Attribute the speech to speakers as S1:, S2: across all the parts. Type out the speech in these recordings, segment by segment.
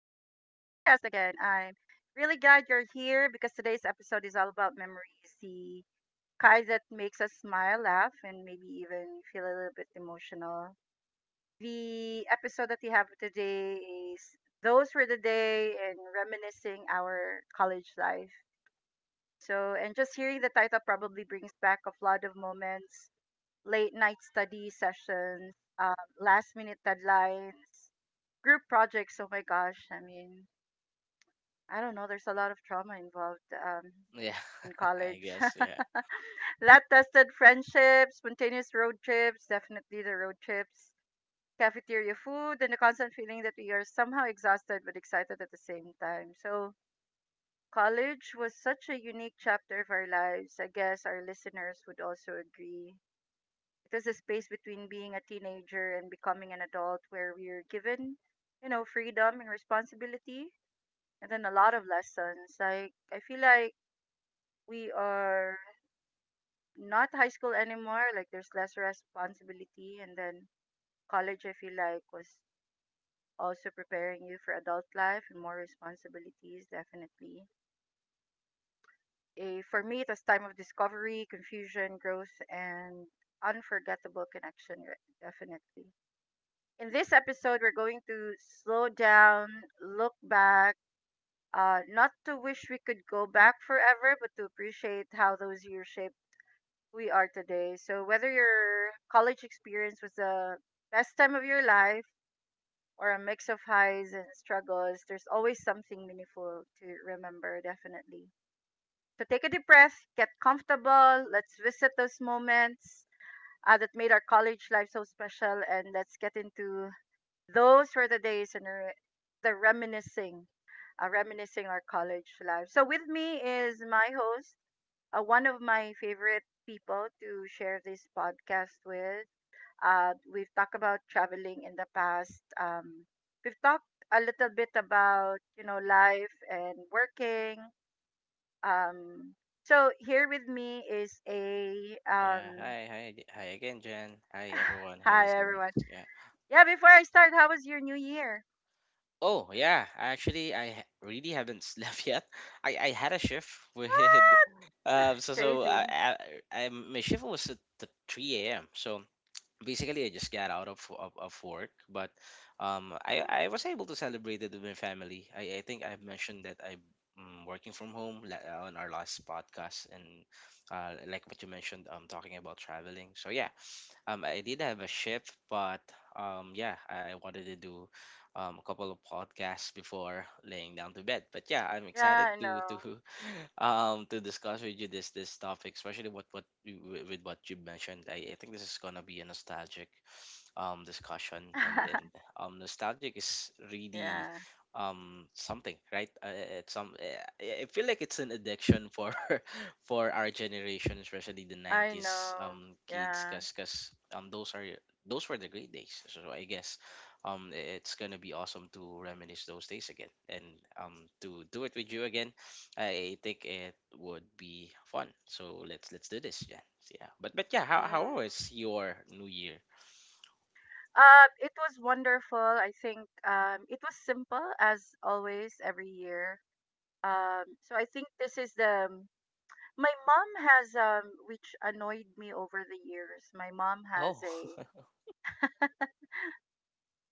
S1: podcast again. I'm really glad you're here because today's episode is all about memories, the kind that makes us smile, laugh, and maybe even feel a little bit emotional. The episode that we have today is Those Were the Day and Reminiscing Our College Life. And just hearing the title probably brings back a flood of moments: late night study sessions, last minute deadlines, group projects, oh my gosh. I mean, I don't know. There's a lot of trauma involved
S2: Yeah,
S1: in college.
S2: I guess. Yeah.
S1: Lab tested friendships, spontaneous road trips, definitely the road trips, cafeteria food, and the constant feeling that we are somehow exhausted but excited at the same time. So, college was such a unique chapter of our lives. I guess our listeners would also agree. It was a space between being a teenager and becoming an adult where we are given, freedom and responsibility and then a lot of lessons. Like I feel like we are not high school anymore. Like there's less responsibility, and then college I feel like was also preparing you for adult life and more responsibilities. Definitely, for me it was time of discovery, confusion, growth, and unforgettable connection. Definitely. In this episode, we're going to slow down, look back, not to wish we could go back forever, but to appreciate how those years shaped we are today. So, whether your college experience was the best time of your life or a mix of highs and struggles, there's always something meaningful to remember, definitely. So, take a deep breath, get comfortable, let's visit those moments that made our college life so special, and let's get into those were the days and the reminiscing. Reminiscing our college life. So with me is my host, one of my favorite people to share this podcast with. We've talked about traveling in the past. We've talked a little bit about you know life and working. Um, so here with me is a
S2: Yeah. Hi again, Jen. Hi, everyone. Hi,
S1: hi
S2: listeners.
S1: everyone.
S2: Yeah.
S1: Yeah, before I start, how was your New Year?
S2: Oh, yeah. Actually, really haven't slept yet. I had a shift with So so
S1: Crazy.
S2: I my shift was at the three a.m. So basically I just got out of work, but
S1: Mm.
S2: I was able to celebrate it with my family. I think I've mentioned that I'm working from home on our last podcast, and like what you mentioned, talking about traveling. So yeah, I did have a shift, but yeah, I wanted to do a couple of podcasts before laying down to bed. But yeah, I'm excited
S1: Yeah, I
S2: to
S1: know.
S2: to discuss with you this topic, especially with what you mentioned. I think this is gonna be a nostalgic discussion and and um, nostalgic is really
S1: yeah,
S2: something, it's some I feel like it's an addiction for for our generation, especially the
S1: I
S2: 90s
S1: know.
S2: kids,
S1: Yeah.
S2: because those were the great days. So so I guess it's gonna be awesome to reminisce those days again, and to do it with you again. I think it would be fun, so let's do this. Yeah. So, how
S1: Mm.
S2: was your new year?
S1: It was wonderful. I think it was simple as always every year. So I think this is the my mom has which annoyed me over the years. My mom has
S2: Oh.
S1: a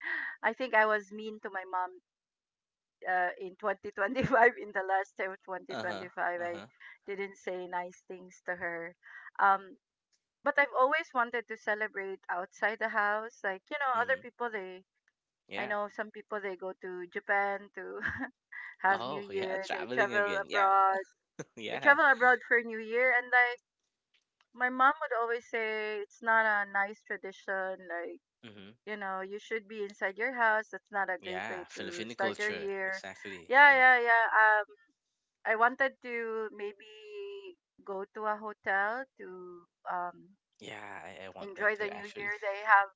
S1: I think I was mean to my mom in 2025. In the last time of
S2: Uh-huh.
S1: 2025, I
S2: Uh-huh.
S1: didn't say nice things to her. Um, but I've always wanted to celebrate outside the house. Like, you know, other
S2: Hmm.
S1: people, I
S2: Yeah.
S1: know some people, they go to Japan to have New
S2: Oh, yeah,
S1: Year. They
S2: traveling
S1: travel
S2: again. Yeah.
S1: abroad. They
S2: Yeah.
S1: travel abroad for New Year, and like my mom would always say, it's not a nice tradition. Like
S2: Hmm.
S1: you know, you should be inside your house. That's not a great
S2: Yeah,
S1: way to
S2: Filipino
S1: start your
S2: culture.
S1: year.
S2: Exactly.
S1: Yeah,
S2: Yeah.
S1: yeah, yeah. I wanted to maybe go to a hotel to um
S2: Yeah, I want that
S1: enjoy
S2: too
S1: the New
S2: actually.
S1: Year.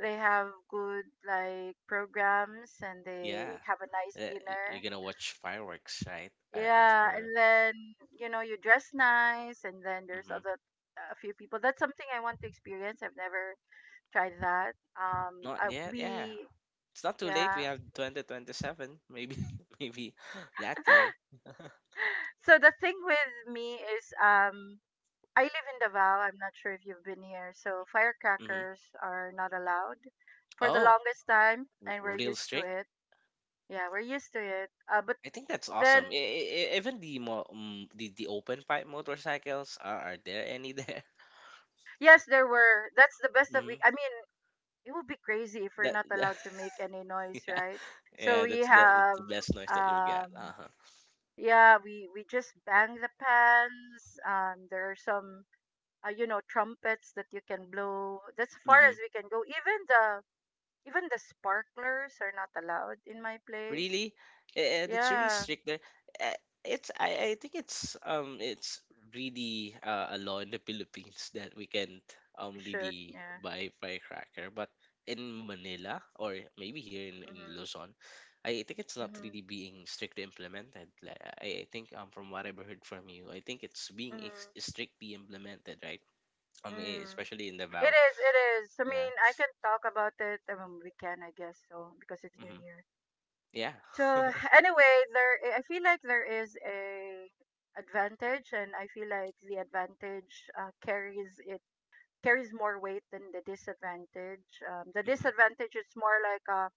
S1: They have good like programs and
S2: Yeah.
S1: they have a nice
S2: You're
S1: dinner.
S2: gonna watch fireworks, right?
S1: Yeah,
S2: After.
S1: and then you know you dress nice, and then there's
S2: Hmm.
S1: other a few people. That's something I want to experience. I've never tried that.
S2: Not yet. Yeah.
S1: We
S2: It's not too late. We
S1: yeah.
S2: have 2027. Maybe maybe that year.
S1: So the thing with me is I live in Davao. I'm not sure if you've been here. So
S2: Hmm.
S1: firecrackers are not allowed for the
S2: Oh,
S1: longest time, and we're
S2: real
S1: used to
S2: strict?
S1: it. Yeah, we're used to it. But
S2: I think that's
S1: then
S2: awesome. Even the open pipe motorcycles, are there any there?
S1: yes, there were. That's the best that we.
S2: Hmm.
S1: I mean, it would be crazy if we're
S2: That,
S1: not
S2: that-
S1: allowed to make any noise,
S2: yeah,
S1: right? So
S2: yeah,
S1: we
S2: that's that's
S1: have
S2: the best noise that you've got.
S1: um
S2: Uh
S1: yeah, we just bang the pans. There are some you know trumpets that you can blow. That's far as
S2: huh.
S1: we can go. Even the sparklers are not allowed in my place.
S2: Really? And it's really
S1: Yeah,
S2: strict there. Uh, I think it's really a law in the Philippines that we can't
S1: we should.
S2: really
S1: Yeah.
S2: buy firecracker, but in Manila or maybe here in
S1: Mhm.
S2: Luzon, I think it's not
S1: Mhm.
S2: really being strictly implemented. Like, I think from what I've heard from you, I think it's
S1: Mhm.
S2: strictly implemented, right?
S1: Mm.
S2: Especially in
S1: It
S2: Davao.
S1: is. It is. I
S2: Yeah.
S1: mean, I can talk about it. We can, I guess, so because it's New
S2: Hmm.
S1: Year.
S2: Yeah.
S1: So anyway, there I feel like there is a advantage, and I feel like the advantage carries it carries more weight than the disadvantage. The
S2: Hmm.
S1: disadvantage is more like a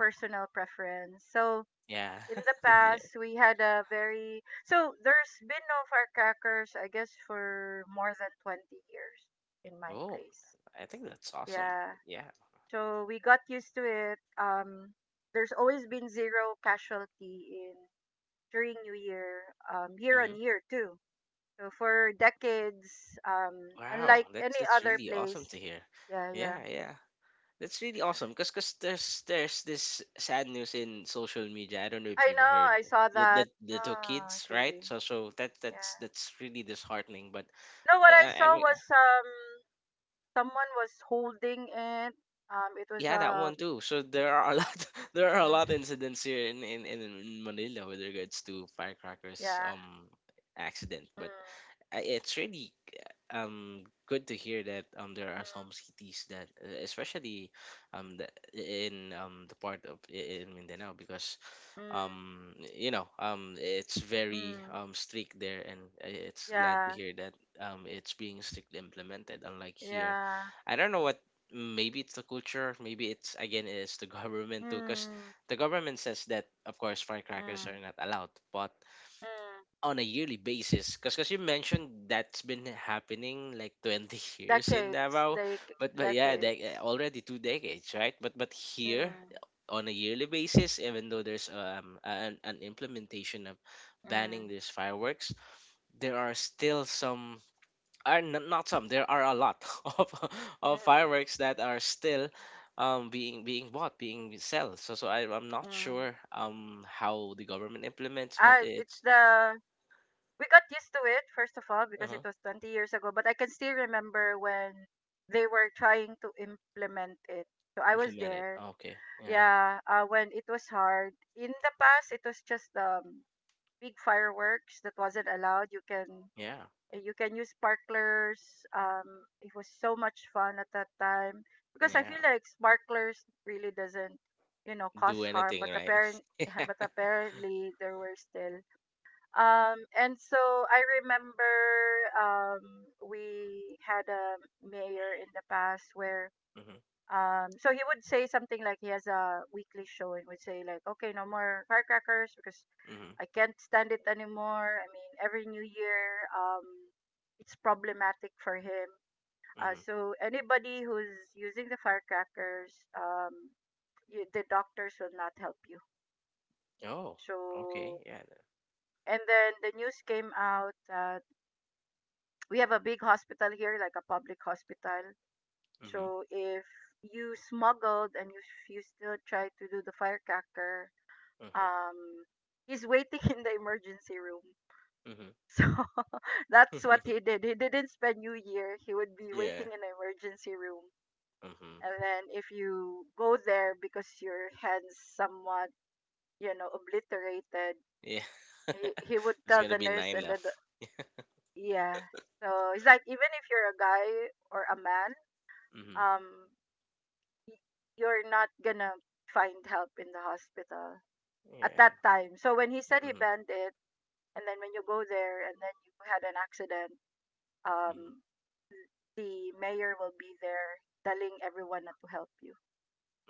S1: personal preference. So
S2: Yeah.
S1: in the
S2: Yeah.
S1: past, we had a very so there's been no firecrackers, I guess, for more than 20 years in my
S2: Oh,
S1: place.
S2: I think that's awesome.
S1: Yeah,
S2: Yeah.
S1: so we got used to it. There's always been zero casualty in during New Year, year
S2: Hmm.
S1: on year too. So for decades,
S2: Wow,
S1: unlike any
S2: that's
S1: other
S2: really awesome to
S1: place,
S2: hear.
S1: yeah, yeah.
S2: Yeah, yeah. That's really awesome, cuz cuz there's this sad news in social media. I don't know if
S1: I
S2: you've
S1: know.
S2: heard
S1: I saw
S2: that
S1: that.
S2: that the two
S1: Ah,
S2: kids, right?
S1: crazy.
S2: So so that
S1: Yeah.
S2: that's really disheartening, but
S1: No, what I saw
S2: I'm.
S1: was someone was holding it. It was
S2: Yeah, that
S1: a
S2: one too. So there are a lot there are a lot
S1: mm,
S2: incidents here in Manila with regards to firecrackers,
S1: yeah.
S2: accident.
S1: Mm,
S2: But it's really good to hear that there are some cities that, especially the, in the part of in Mindanao, because
S1: mm,
S2: you know it's
S1: mm,
S2: very
S1: mm,
S2: strict there, and it's glad to
S1: yeah,
S2: hear that it's being strictly implemented unlike here.
S1: yeah.
S2: I don't know what, maybe it's the culture, maybe it's, again it's the government too, because
S1: Mm,
S2: the government says that of course firecrackers
S1: mm,
S2: are not allowed, but
S1: mm.
S2: on a yearly basis, because you mentioned that's been happening like 20 years in
S1: Decades,
S2: Davao,
S1: like
S2: but yeah
S1: decades.
S2: they, already two decades right, but here
S1: Mm,
S2: on a yearly basis, even though there's an implementation of banning
S1: mm,
S2: these fireworks, there are still some, are n- not some there are a lot of
S1: mm,
S2: of fireworks that are still being being bought, being sold. So so I, I'm not
S1: mm, mm.
S2: sure how the government implements, but
S1: I it's
S2: it's
S1: the we got used to it first of all because it
S2: uh
S1: was 20 years ago, but I can still remember when they were trying to implement it. So I was
S2: implemented.
S1: there.
S2: Okay. Yeah.
S1: Yeah, when it was hard. In the past, it was just big fireworks that wasn't allowed.
S2: Yeah.
S1: You can use sparklers. It was so much fun at that time because I
S2: Yeah.
S1: feel like sparklers really doesn't you know cause
S2: Do
S1: harm,
S2: anything,
S1: but
S2: right?
S1: apparent
S2: Yeah.
S1: but apparently there were still and so I remember um, we had a mayor in the past where
S2: Hmm.
S1: so he would say something like he has a weekly show and would say like, okay, no more firecrackers because
S2: Hmm.
S1: I can't stand it anymore. I mean, every New Year, it's problematic for him.
S2: Hmm.
S1: So anybody who's using the firecrackers, the doctors will not help you.
S2: Oh,
S1: So
S2: okay. Yeah.
S1: and then the news came out, we have a big hospital here, like a public hospital.
S2: Hmm.
S1: So if you smuggled and you still try to do the firecracker,
S2: Hmm.
S1: um, he's waiting in the emergency room. So that's what
S2: Hmm.
S1: he did. He didn't spend New Year. He would be
S2: Yeah.
S1: waiting in the emergency room.
S2: Hmm.
S1: And then if you go there because your hand's somewhat, you know, obliterated,
S2: Yeah.
S1: he would
S2: There's
S1: tell
S2: gonna
S1: the
S2: be
S1: nurse
S2: nine
S1: and the,
S2: left.
S1: the yeah. So it's like even if you're a guy or a man,
S2: Hmm.
S1: um, y- you're not gonna find help in the hospital at
S2: Yeah.
S1: that time. So when he said he
S2: Mm-hmm.
S1: banned it, and then when you go there and then you had an accident, um, the mayor will be there telling everyone not to help you.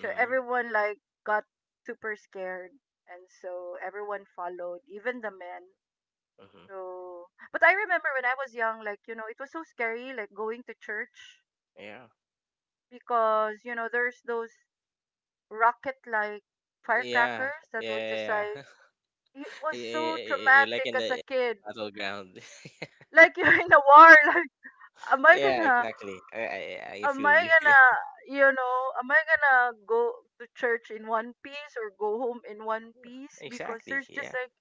S1: So everyone like got super scared, and so everyone followed, even the men.
S2: Hmm.
S1: So, but I remember when I was young, like you know, it was so scary, like going to church
S2: Yeah.
S1: because you know there's those rocket like
S2: Yeah.
S1: firecrackers that were just
S2: Yeah.
S1: like
S2: Yeah.
S1: it was
S2: Yeah.
S1: so
S2: You're like
S1: traumatic
S2: in
S1: as a
S2: the
S1: kid.
S2: battleground.
S1: Like you're in a war. Like,
S2: Yeah. Exactly. I
S1: am
S2: feel
S1: I
S2: you. Yeah.
S1: gonna, you know, am I gonna go to church in one piece or go home in one piece? Because
S2: Exactly.
S1: there's
S2: Yeah.
S1: just like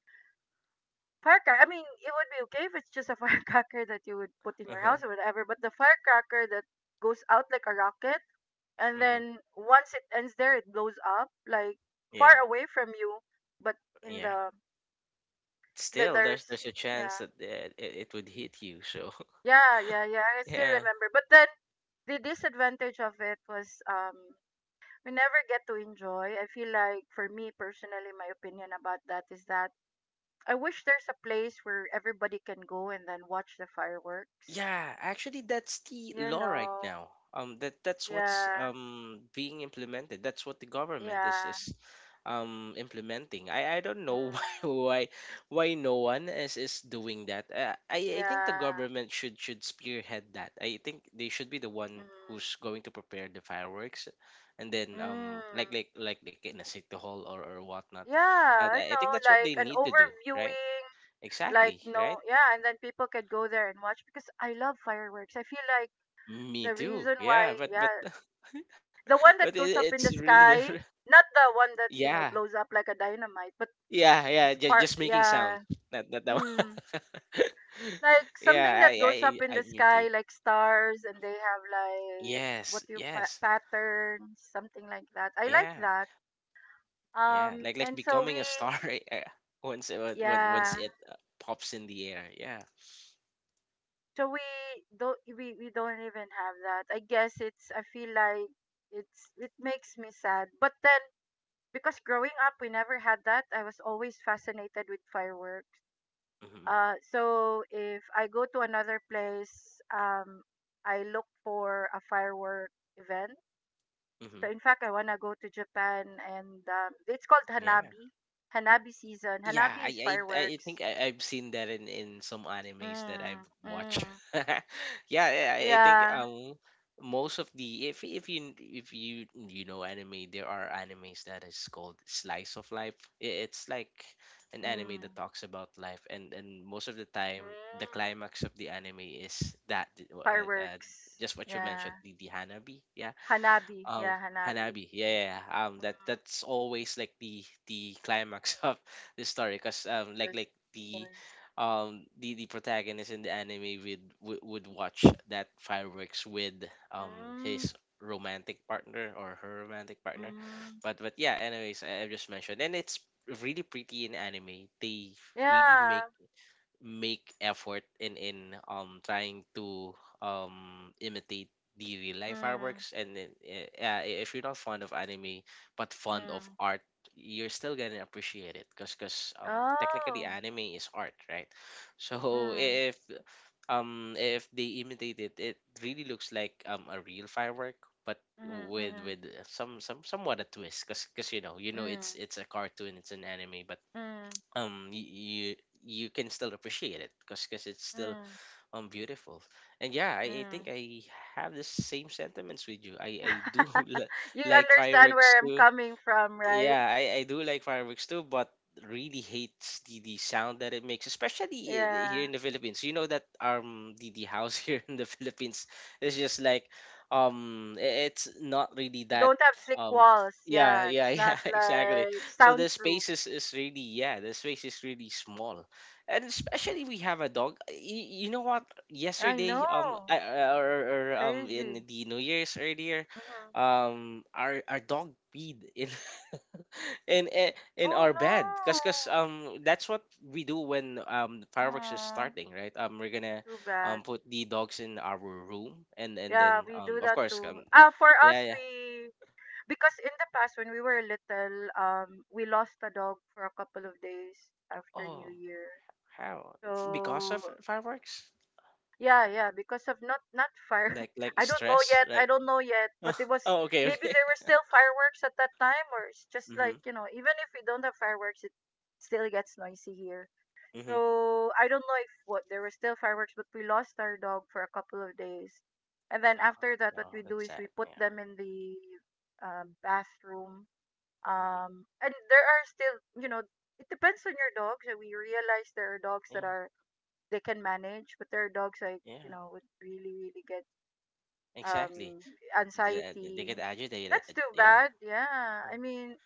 S1: firecracker. I mean, it would be okay if it's just a firecracker that you would put in
S2: Uh
S1: your
S2: huh.
S1: house or whatever. But the firecracker that goes out like a rocket and
S2: Mm-hmm.
S1: then once it ends there, it blows up like
S2: Yeah.
S1: far away from you. But in
S2: Yeah.
S1: the then
S2: Still,
S1: there's
S2: there's a chance
S1: yeah,
S2: that it would hit you. So
S1: yeah, yeah, yeah. I still
S2: yeah.
S1: remember. But then the disadvantage of it was we never get to enjoy. I feel like for me personally, my opinion about that is that I wish there's a place where everybody can go and then watch the fireworks.
S2: Yeah, actually, that's the
S1: You
S2: law right
S1: know.
S2: now. That that's what's
S1: Yeah.
S2: being implemented. That's what the government
S1: Yeah.
S2: is implementing. I don't
S1: Mm,
S2: know why why why no one is doing that. I think the
S1: yeah.
S2: government should spearhead that. I think they should be the one
S1: Mm,
S2: who's going to prepare the fireworks, and then
S1: mm.
S2: like in a city hall or whatnot.
S1: Yeah, I
S2: I think
S1: know.
S2: that's what
S1: Like
S2: they
S1: an
S2: need to do, right?
S1: overviewing, like
S2: Exactly, right?
S1: no, yeah, and then people could go there and watch because I love fireworks. I feel like
S2: Me too. Yeah,
S1: Yeah,
S2: but
S1: the one
S2: but
S1: that goes up in
S2: it's
S1: the
S2: really
S1: sky,
S2: different.
S1: not the one that you know
S2: Yeah,
S1: blows up like a dynamite, but
S2: yeah, yeah.
S1: part,
S2: Just making sounds.
S1: yeah,
S2: Not not that one.
S1: mm, like something
S2: Yeah,
S1: that goes up in
S2: I
S1: the
S2: me too.
S1: sky, like stars, and they have like what
S2: Yes, yes,
S1: patterns, something like that. I like
S2: yeah,
S1: that.
S2: yeah.
S1: Um,
S2: Like
S1: and so we,
S2: becoming a star uh,
S1: yeah,
S2: once it pops in the air. Yeah.
S1: so we don't even have that. I guess it's. I feel like It makes me sad, but then because growing up we never had that, I was always fascinated with fireworks.
S2: Mm-hmm.
S1: So if I go to another place, I look for a firework event. So
S2: Mm-hmm.
S1: in fact I want to go to Japan, and it's called
S2: Yeah.
S1: hanabi. Hanabi season.
S2: Yeah,
S1: Hanabi is
S2: I
S1: fireworks.
S2: think I've seen that in some animes that I've
S1: Mm,
S2: watched.
S1: mm,
S2: Yeah, yeah, I think
S1: yeah.
S2: most of the, if you you know anime, there are animes that is called slice of life. It's like an anime that
S1: Mm,
S2: talks about life, and most of the
S1: mm,
S2: time the climax of the anime is that, uh,
S1: fireworks
S2: just what you mentioned,
S1: yeah.
S2: the Hanabi. Yeah,
S1: Hanabi
S2: um,
S1: yeah. Hanabi
S2: Hanabi. Yeah, yeah. Yeah.
S1: mm,
S2: That that's always like the climax of the story, cause
S1: that's-
S2: the protagonist in the anime would watch that fireworks with
S1: mm, mm,
S2: his romantic partner or her romantic partner,
S1: mm.
S2: but yeah. Anyways, I just mentioned, and it's really pretty in anime. They really
S1: Yeah.
S2: make make effort in trying to imitate the real life
S1: Mm.
S2: fireworks. And then yeah, if you're not fond of anime but fond of
S1: Mm.
S2: art, you're still gonna appreciate it, because technically
S1: Oh.
S2: anime is art, right? So
S1: Mm.
S2: if they imitate it, it really looks like a real firework, but
S1: Mhm. Mhm.
S2: with somewhat a twist, because you know
S1: Mm.
S2: it's a cartoon, it's an anime, but
S1: Mm.
S2: you you can still appreciate it because it's still
S1: Mm.
S2: beautiful. And yeah, I think
S1: Mm.
S2: I have the same sentiments with you. I do
S1: You
S2: like
S1: understand
S2: fireworks
S1: where I'm
S2: too.
S1: coming from, right?
S2: Yeah, I do like fireworks too, but really hates the sound that it makes, especially, here
S1: Yeah.
S2: in the Philippines. You know that the house here in the Philippines is just like it's not really
S1: We
S2: that
S1: don't have thick
S2: um
S1: walls.
S2: yeah
S1: Yeah.
S2: yeah
S1: It's not
S2: yeah exactly.
S1: like
S2: So the
S1: soundproof.
S2: space is really, yeah, the space is really small, and especially
S1: Mm.
S2: we have a dog. You know what?
S1: I know.
S2: Yesterday or in
S1: Crazy.
S2: the New Year's earlier
S1: Mhm.
S2: our dog peed in, and
S1: Oh
S2: are bad, because cause
S1: no.
S2: that's what we do when fireworks is
S1: Mm.
S2: starting, right? Um, we're gonna
S1: Too bad.
S2: put the dogs in our room, and
S1: Yeah,
S2: then
S1: we do
S2: of
S1: that
S2: course
S1: too. Ah, for us,
S2: yeah yeah.
S1: we because in the past when we were little, we lost a dog for a couple of days after New
S2: Oh,
S1: Year.
S2: how? Because of
S1: So
S2: fireworks?
S1: yeah, yeah, because of not fire.
S2: like like
S1: I don't know
S2: stress
S1: yet. I
S2: like
S1: don't know yet. But it was
S2: oh okay
S1: maybe
S2: okay.
S1: there were still fireworks at that time, or it's just
S2: Mm-hmm.
S1: like you know, even if we don't have fireworks, it still gets noisy here.
S2: Mm-hmm.
S1: So I don't know if what there were still fireworks, but we lost our dog for a couple of days, and then
S2: No.
S1: after that,
S2: No,
S1: what we do
S2: that's
S1: is
S2: sad.
S1: we put
S2: Yeah.
S1: them in the bathroom
S2: Mm-hmm.
S1: and there are still, you know, it depends on your dogs. And we realize there are dogs that
S2: Yeah
S1: are they can manage, but there are dogs like you
S2: yeah
S1: know would really really get
S2: exactly.
S1: um
S2: They get
S1: anxiety.
S2: agitated.
S1: That's too
S2: Yeah.
S1: bad. Yeah,
S2: Mm-hmm.
S1: I mean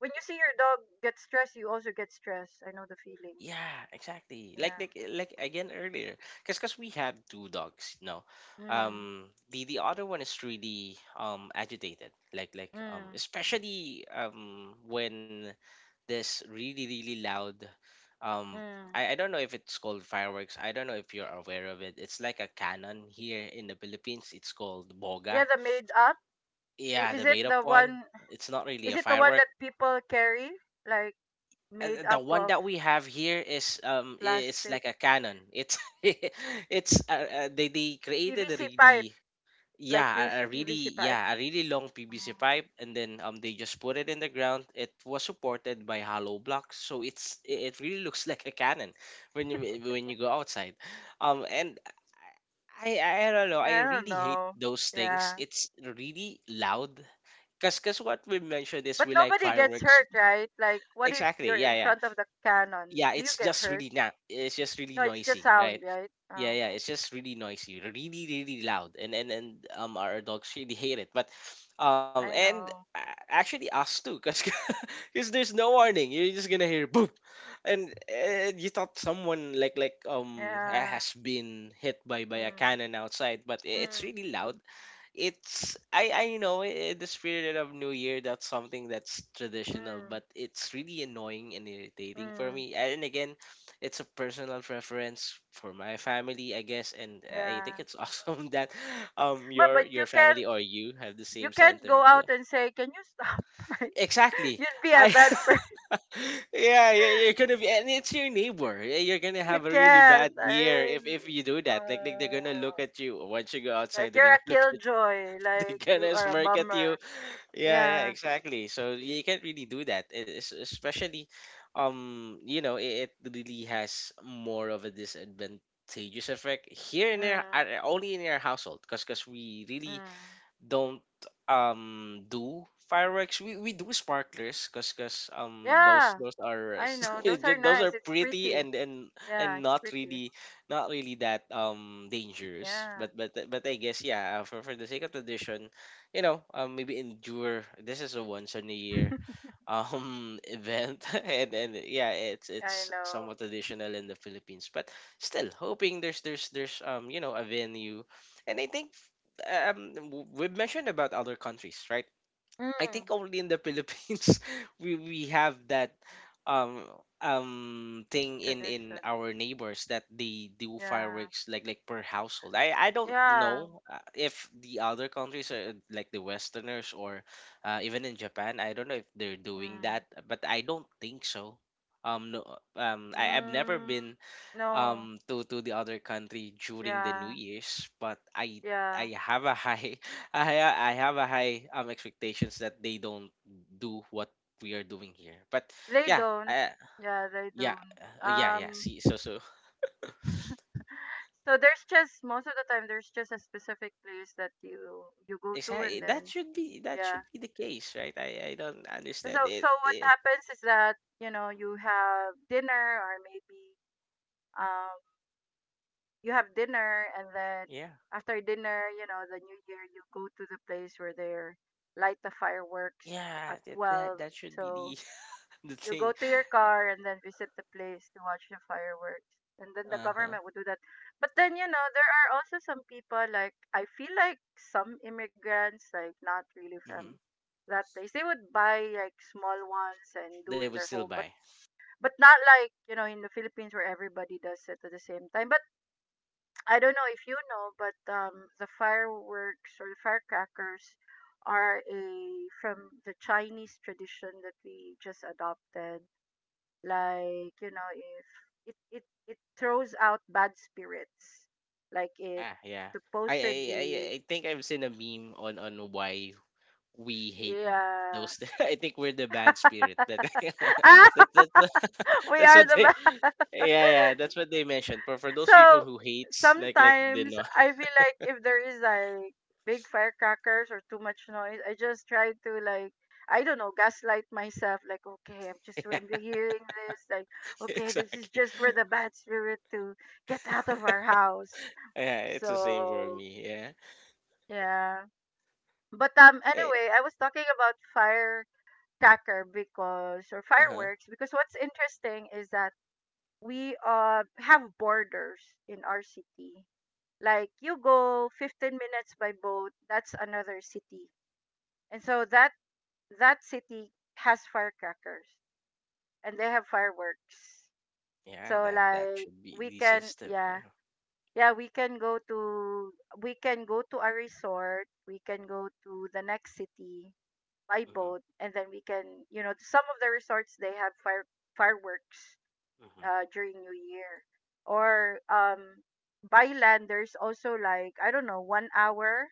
S1: when you see your dog get stressed, you also get stressed. I know the feeling.
S2: Yeah, exactly. Like
S1: Yeah.
S2: like eh, like again earlier, because we have two dogs, you know.
S1: Mm,
S2: The other one is really agitated,
S1: mm,
S2: especially when this really really loud, um
S1: mm.
S2: I don't know if it's called fireworks. I don't know if you're aware of it. It's like a cannon here in the Philippines. It's called boga.
S1: Yeah, the made up. W-
S2: Yeah,
S1: Is
S2: the
S1: it
S2: made up
S1: the
S2: one.
S1: one?
S2: It's not really
S1: Is
S2: a
S1: it the one
S2: firework,
S1: that people carry like made
S2: the
S1: up
S2: one
S1: of
S2: that we have here is
S1: plastic
S2: like a cannon. It's it's they created a
S1: PVC pipe?
S2: really
S1: Like
S2: yeah
S1: use PVC pipe.
S2: a really long PVC
S1: Mm,
S2: pipe, and then they just put it in the ground. It was supported by hollow blocks, so it's it it really looks like a cannon when you when you go outside. Um, and I I don't know. I
S1: I don't
S2: really hate
S1: know.
S2: those things.
S1: Yeah.
S2: It's really loud. Cause, cause what we mentioned is
S1: But
S2: we like
S1: nobody gets
S2: fireworks.
S1: hurt, right? Like what if
S2: Exactly.
S1: you're
S2: Yeah,
S1: in
S2: yeah,
S1: front of the cannon?
S2: yeah,
S1: Do you get hurt?
S2: it's just really
S1: No, it's just
S2: noisy, right?
S1: sound, right?
S2: Yeah,
S1: Oh,
S2: yeah,
S1: okay.
S2: it's just really noisy, really, really loud. And our dogs really hate it. But
S1: I know.
S2: actually, us too, because there's no warning, you're just gonna hear boom. And you thought someone
S1: Yeah.
S2: has been hit by a
S1: Mm,
S2: cannon outside, but it's
S1: mm,
S2: really loud. It's I know I- The spirit of New Year, that's something that's traditional,
S1: mm,
S2: but it's really annoying and irritating for
S1: mm.
S2: me. And again, it's a personal preference for my family, I guess. And I
S1: Yeah.
S2: think it's awesome that um
S1: But
S2: your
S1: but you
S2: your
S1: can't
S2: family or you have the
S1: you
S2: same
S1: can't go
S2: sentiment.
S1: out
S2: Yeah.
S1: and say, "Can you stop?" Right?
S2: Exactly.
S1: You'd be a
S2: I
S1: bad
S2: yeah, yeah, you're gonna be, and it's your neighbor. Yeah, you're gonna
S1: person. You
S2: have a really
S1: can't.
S2: bad
S1: I
S2: year
S1: mean
S2: if you do that. Like they're
S1: uh,
S2: gonna look at you once you go
S1: like
S2: outside, they're
S1: you're a
S2: gonna look at
S1: killjoy,
S2: they're
S1: like you
S2: gonna
S1: are a
S2: smirk at you.
S1: bummer.
S2: Yeah, yeah,
S1: Yeah.
S2: exactly. So you can't really do that, especially, it really has more of a disadvantageous effect here in our
S1: Mm,
S2: only in our household, because we really
S1: mm.
S2: don't do fireworks. We do sparklers, because
S1: Yeah, I know. Those are
S2: those are
S1: nice. It's
S2: pretty,
S1: pretty.
S2: and
S1: Yeah,
S2: and
S1: it's
S2: not
S1: pretty.
S2: really not really that dangerous.
S1: Yeah,
S2: But I guess, yeah, for the sake of tradition, maybe endure. This is a once in a year event And yeah, it's
S1: I
S2: it's
S1: know.
S2: somewhat traditional in the Philippines, but still hoping there's a venue. And I think we've mentioned about other countries, right? I think
S1: Mm,
S2: only in the Philippines we have that um thing in
S1: tradition.
S2: our neighbors, that they do
S1: Yeah.
S2: fireworks like per household. I don't
S1: Yeah.
S2: know, if the other countries are like the Westerners, or even in Japan. I don't know if they're doing
S1: Mm.
S2: that, but I don't think so. No. I've never
S1: Mm,
S2: been
S1: no.
S2: to the other country during the New
S1: Yeah.
S2: Year's, but
S1: Yeah.
S2: I have a high I have a high expectations that they don't do what we are doing here. But
S1: They
S2: yeah,
S1: don't. Yeah, they
S2: yeah,
S1: don't.
S2: yeah, yeah.
S1: Um,
S2: See, so
S1: so there's just most of the time there's just a specific place that you go to
S2: exactly,
S1: and then
S2: that
S1: yeah.
S2: should be the case, right? I don't
S1: So
S2: understand it.
S1: so what
S2: it
S1: happens is that, you know, you have dinner or maybe um you have dinner and then
S2: Yeah.
S1: after dinner, you know, the new year you go to the place where they are light the fireworks
S2: Yeah,
S1: at
S2: that, that
S1: 12.
S2: that should
S1: So
S2: be the the
S1: you go
S2: thing.
S1: to your car and then visit the place to watch the fireworks. And then the
S2: Uh-huh.
S1: government would do that. But then, you know, there are also some people like I feel like some immigrants, like not really from
S2: hmm
S1: that place. They would buy like small ones and
S2: They
S1: do in
S2: would
S1: their
S2: still
S1: home,
S2: buy.
S1: but not like you know in the Philippines where everybody does it at the same time. But I don't know if you know, but the fireworks or firecrackers are a from the Chinese tradition that we just adopted. Like you know, if it it it throws out bad spirits, like it
S2: Yeah, yeah. I I I
S1: supposedly
S2: I think I've seen a meme on why we hate
S1: yeah.
S2: those. I think we're the bad spirit. That that
S1: Ah,
S2: that
S1: we
S2: that's
S1: are
S2: what
S1: the
S2: they
S1: bad.
S2: yeah, yeah, that's what they mentioned. For those people
S1: So
S2: who hates like the
S1: sometimes
S2: no
S1: I feel like if there is like big firecrackers or too much noise, I just try to like I don't know, gaslight myself like okay, I'm just
S2: yeah,
S1: I'm hearing this like okay, this is
S2: exactly.
S1: just for the bad spirit to get out of our house.
S2: Yeah, it's the same for
S1: So
S2: me. Yeah.
S1: yeah. But anyway, I was talking about firecracker because or
S2: uh huh
S1: fireworks because what's interesting is that we have borders in our city like you go 15 minutes by boat that's another city and so that that city has firecrackers and they have fireworks
S2: yeah,
S1: so
S2: that
S1: like
S2: should be
S1: we
S2: the
S1: can
S2: system.
S1: yeah
S2: Yeah.
S1: yeah we can go to a resort we can go to the next city by
S2: Mhm.
S1: boat and then we can you know some of the resorts they have fireworks
S2: Mhm.
S1: during new year or by land there's also like I don't know 1 hour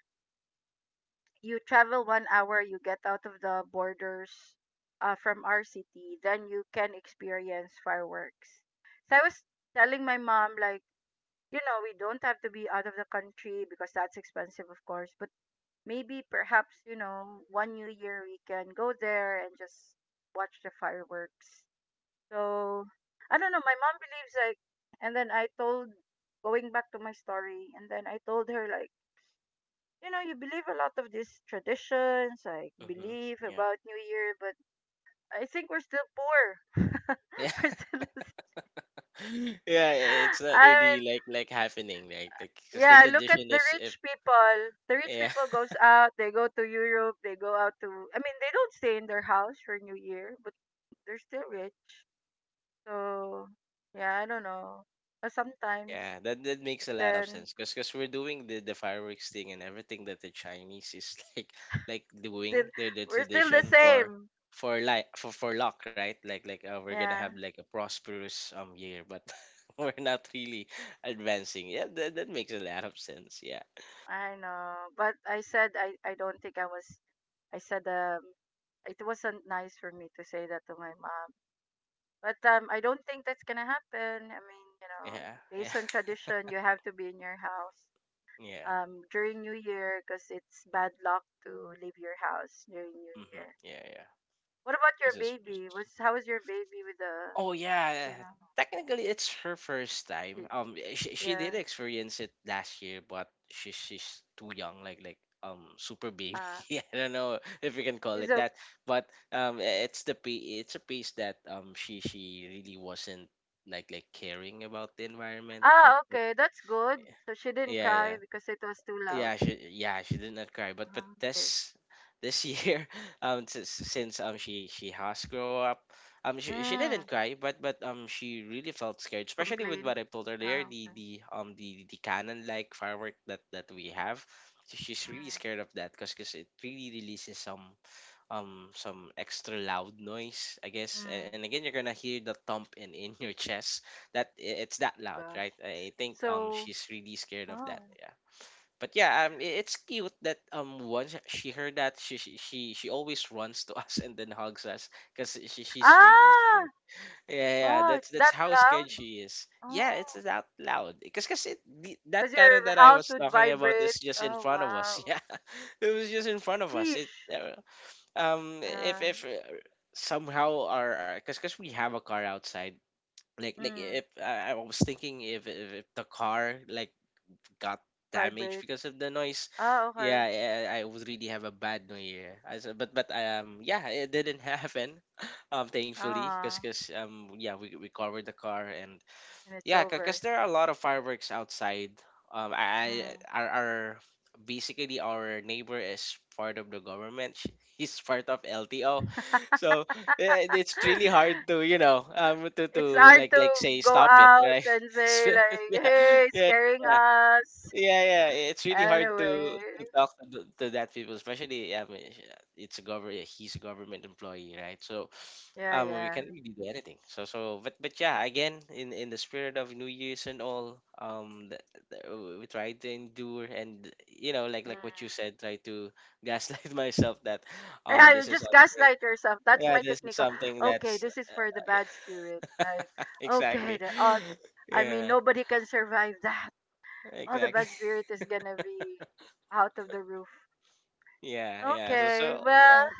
S1: you travel 1 hour, you get out of the borders from our city, then you can experience fireworks. So I was telling my mom, like, you know, we don't have to be out of the country because that's expensive, of course, but maybe perhaps, you know, one new year we can go there and just watch the fireworks. So I don't know, my mom believes like, and then I told, going back to my story, and then I told her, like, you know, you believe a lot of these traditions, like
S2: Mhm.
S1: belief
S2: Yeah.
S1: about New Year, but I think we're still poor.
S2: Yeah,
S1: We're still,
S2: yeah, it's not
S1: I mean,
S2: really like happening, like. Because the
S1: yeah, look at
S2: tradition
S1: the
S2: is,
S1: rich
S2: if...
S1: people. The rich
S2: yeah.
S1: people goes out, they go to Europe, they go out to, I mean, they don't stay in their house for New Year, but they're still rich. So, yeah, I don't know. Sometimes,
S2: Yeah, that makes a lot of
S1: then,
S2: sense, because we're doing the fireworks thing, and everything that the Chinese is like
S1: still,
S2: doing the
S1: we're still the
S2: tradition for
S1: same.
S2: for like for for luck, right? Like, we're gonna
S1: Yeah.
S2: have like a prosperous year, but we're not really advancing. Yeah, that makes a lot of sense. Yeah,
S1: I know, but I said I don't think I was. I said it wasn't nice for me to say that to my mom. But I don't think that's gonna happen. I mean, you know,
S2: yeah, yeah,
S1: based on tradition, you have to be in your house
S2: yeah.
S1: during New Year because it's bad luck to leave your house during New
S2: Mm-hmm.
S1: Year.
S2: Yeah, yeah.
S1: What about your
S2: This is
S1: baby? Was how is your baby with the
S2: Oh yeah,
S1: you know?
S2: technically it's her first
S1: It,
S2: time. She
S1: yeah.
S2: did experience it last year, but she's too young, like super baby.
S1: Uh,
S2: I don't know if we can call
S1: he's
S2: it
S1: okay.
S2: that, but it's a piece that she really wasn't like caring about the environment, but...
S1: Ah, okay, that's good. So she didn't
S2: yeah,
S1: cry
S2: yeah.
S1: because it was too loud.
S2: Yeah, she yeah, she did not cry, but...
S1: Uh,
S2: this year since she has grown up, she didn't
S1: Mm,
S2: cry, but she really felt scared, especially with
S1: complaint.
S2: what I told earlier:
S1: Ah,
S2: the
S1: okay.
S2: the um the the cannon like firework that we have. So she's really scared of that because it really releases some extra loud noise, I
S1: Mm,
S2: guess.
S1: mm.
S2: And again, you're gonna hear the thump in your chest. It's that loud, right?
S1: Gosh,
S2: I
S1: it's
S2: think
S1: so.
S2: she's really scared of
S1: Oh.
S2: that. Yeah. But yeah, it's cute that once she heard that, she always runs to us and then hugs us, because she's really
S1: Ah,
S2: scared. Yeah, yeah,
S1: wow,
S2: that's
S1: it's
S2: that's
S1: that
S2: how
S1: loud.
S2: scared she is. Yeah, it's
S1: Oh,
S2: it's out loud, because cause 'cause
S1: because
S2: that kind of
S1: your
S2: that I
S1: house
S2: was
S1: would
S2: talking about
S1: vibrate.
S2: is just in
S1: Oh,
S2: front of us.
S1: wow.
S2: Yeah, it was just in front of us. It
S1: Sheesh.
S2: if
S1: Uh,
S2: if uh, somehow our... because cause 'cause we have a car outside.
S1: mm,
S2: If I was thinking, if the car like got damaged
S1: vibrate.
S2: because of the noise.
S1: Ah,
S2: Yeah,
S1: okay.
S2: I would really have a bad New Year. As a- but yeah, it didn't happen, thankfully, because
S1: Ah,
S2: cause, 'cause, um yeah, we covered the car. And
S1: and it's
S2: yeah, because
S1: over.
S2: there are a lot of fireworks outside.
S1: Mm.
S2: I- our Basically, our neighbor is part of the government. He's part of LTO, so it's really hard to to
S1: It's
S2: to
S1: hard to
S2: say
S1: go
S2: stop it,
S1: out
S2: right?
S1: and say
S2: So,
S1: like,
S2: yeah,
S1: hey, it's
S2: yeah,
S1: scaring
S2: yeah,
S1: us.
S2: yeah, yeah, it's really hard to
S1: Anyway.
S2: to talk to, to that people, especially, I mean, it's a government. He's a government employee, right? So,
S1: Yeah,
S2: we
S1: yeah.
S2: can't really do anything. So, but yeah, again, in the spirit of New Year's and all, we try to endure. And you know, like
S1: Mm.
S2: like what you said, try to gaslight myself that,
S1: Yeah,
S2: this
S1: you
S2: is
S1: just
S2: something.
S1: gaslight yourself. That's
S2: Yeah,
S1: my
S2: this is
S1: technique.
S2: something
S1: Oh, okay,
S2: that's
S1: this is for the bad spirit. Like,
S2: exactly.
S1: okay, the, I mean,
S2: Yeah,
S1: nobody can survive that. Oh, the
S2: exactly.
S1: bad spirit is gonna be out of the roof.
S2: Yeah, yeah. So
S1: Okay,
S2: so
S1: well,
S2: yeah.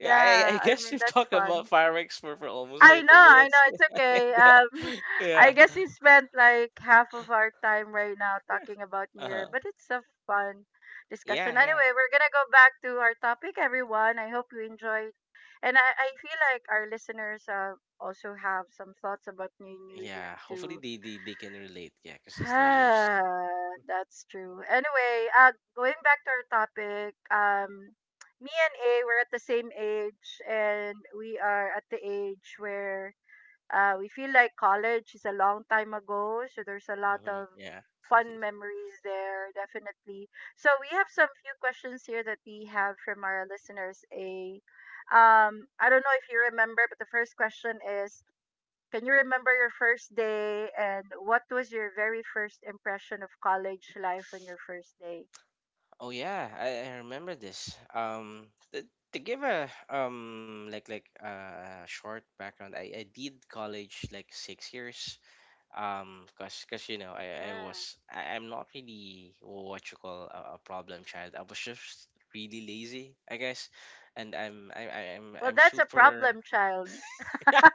S2: Yeah, I, I
S1: I
S2: guess
S1: mean,
S2: we've
S1: that's
S2: talked about
S1: fun.
S2: fireworks for, almost 30
S1: I know,
S2: minutes.
S1: it's
S2: yeah,
S1: okay.
S2: yeah,
S1: I
S2: yeah.
S1: guess we spent like half of our time right now talking about New Year,
S2: Uh-huh.
S1: but it's a fun
S2: Yeah,
S1: discussion.
S2: yeah.
S1: Anyway, we're gonna go back to our topic, everyone. I hope you enjoyed, and I feel like our listeners also have some thoughts about New New Year
S2: Yeah, hopefully
S1: too.
S2: they can relate. Yeah, because it's New Year's.
S1: Ah, that's true. Anyway, going back to our topic, me and A, we're at the same age, and we are at the age where we feel like college is a long time ago, so there's a lot
S2: Hmm.
S1: of
S2: Yeah.
S1: fun memories there, definitely. So we have some few questions here that we have from our listeners. A, I don't know if you remember, but the first question is, can you remember your first day and what was your very first impression of college life on your first day?
S2: Oh yeah, I remember this. To give a short background, I did college like 6 years, cause, cause you know, I, I
S1: Mm.
S2: was I, I'm not really what you call a problem child. I was just really lazy, I guess. And I'm I-
S1: Well,
S2: I'm
S1: that's a
S2: super.
S1: problem, child.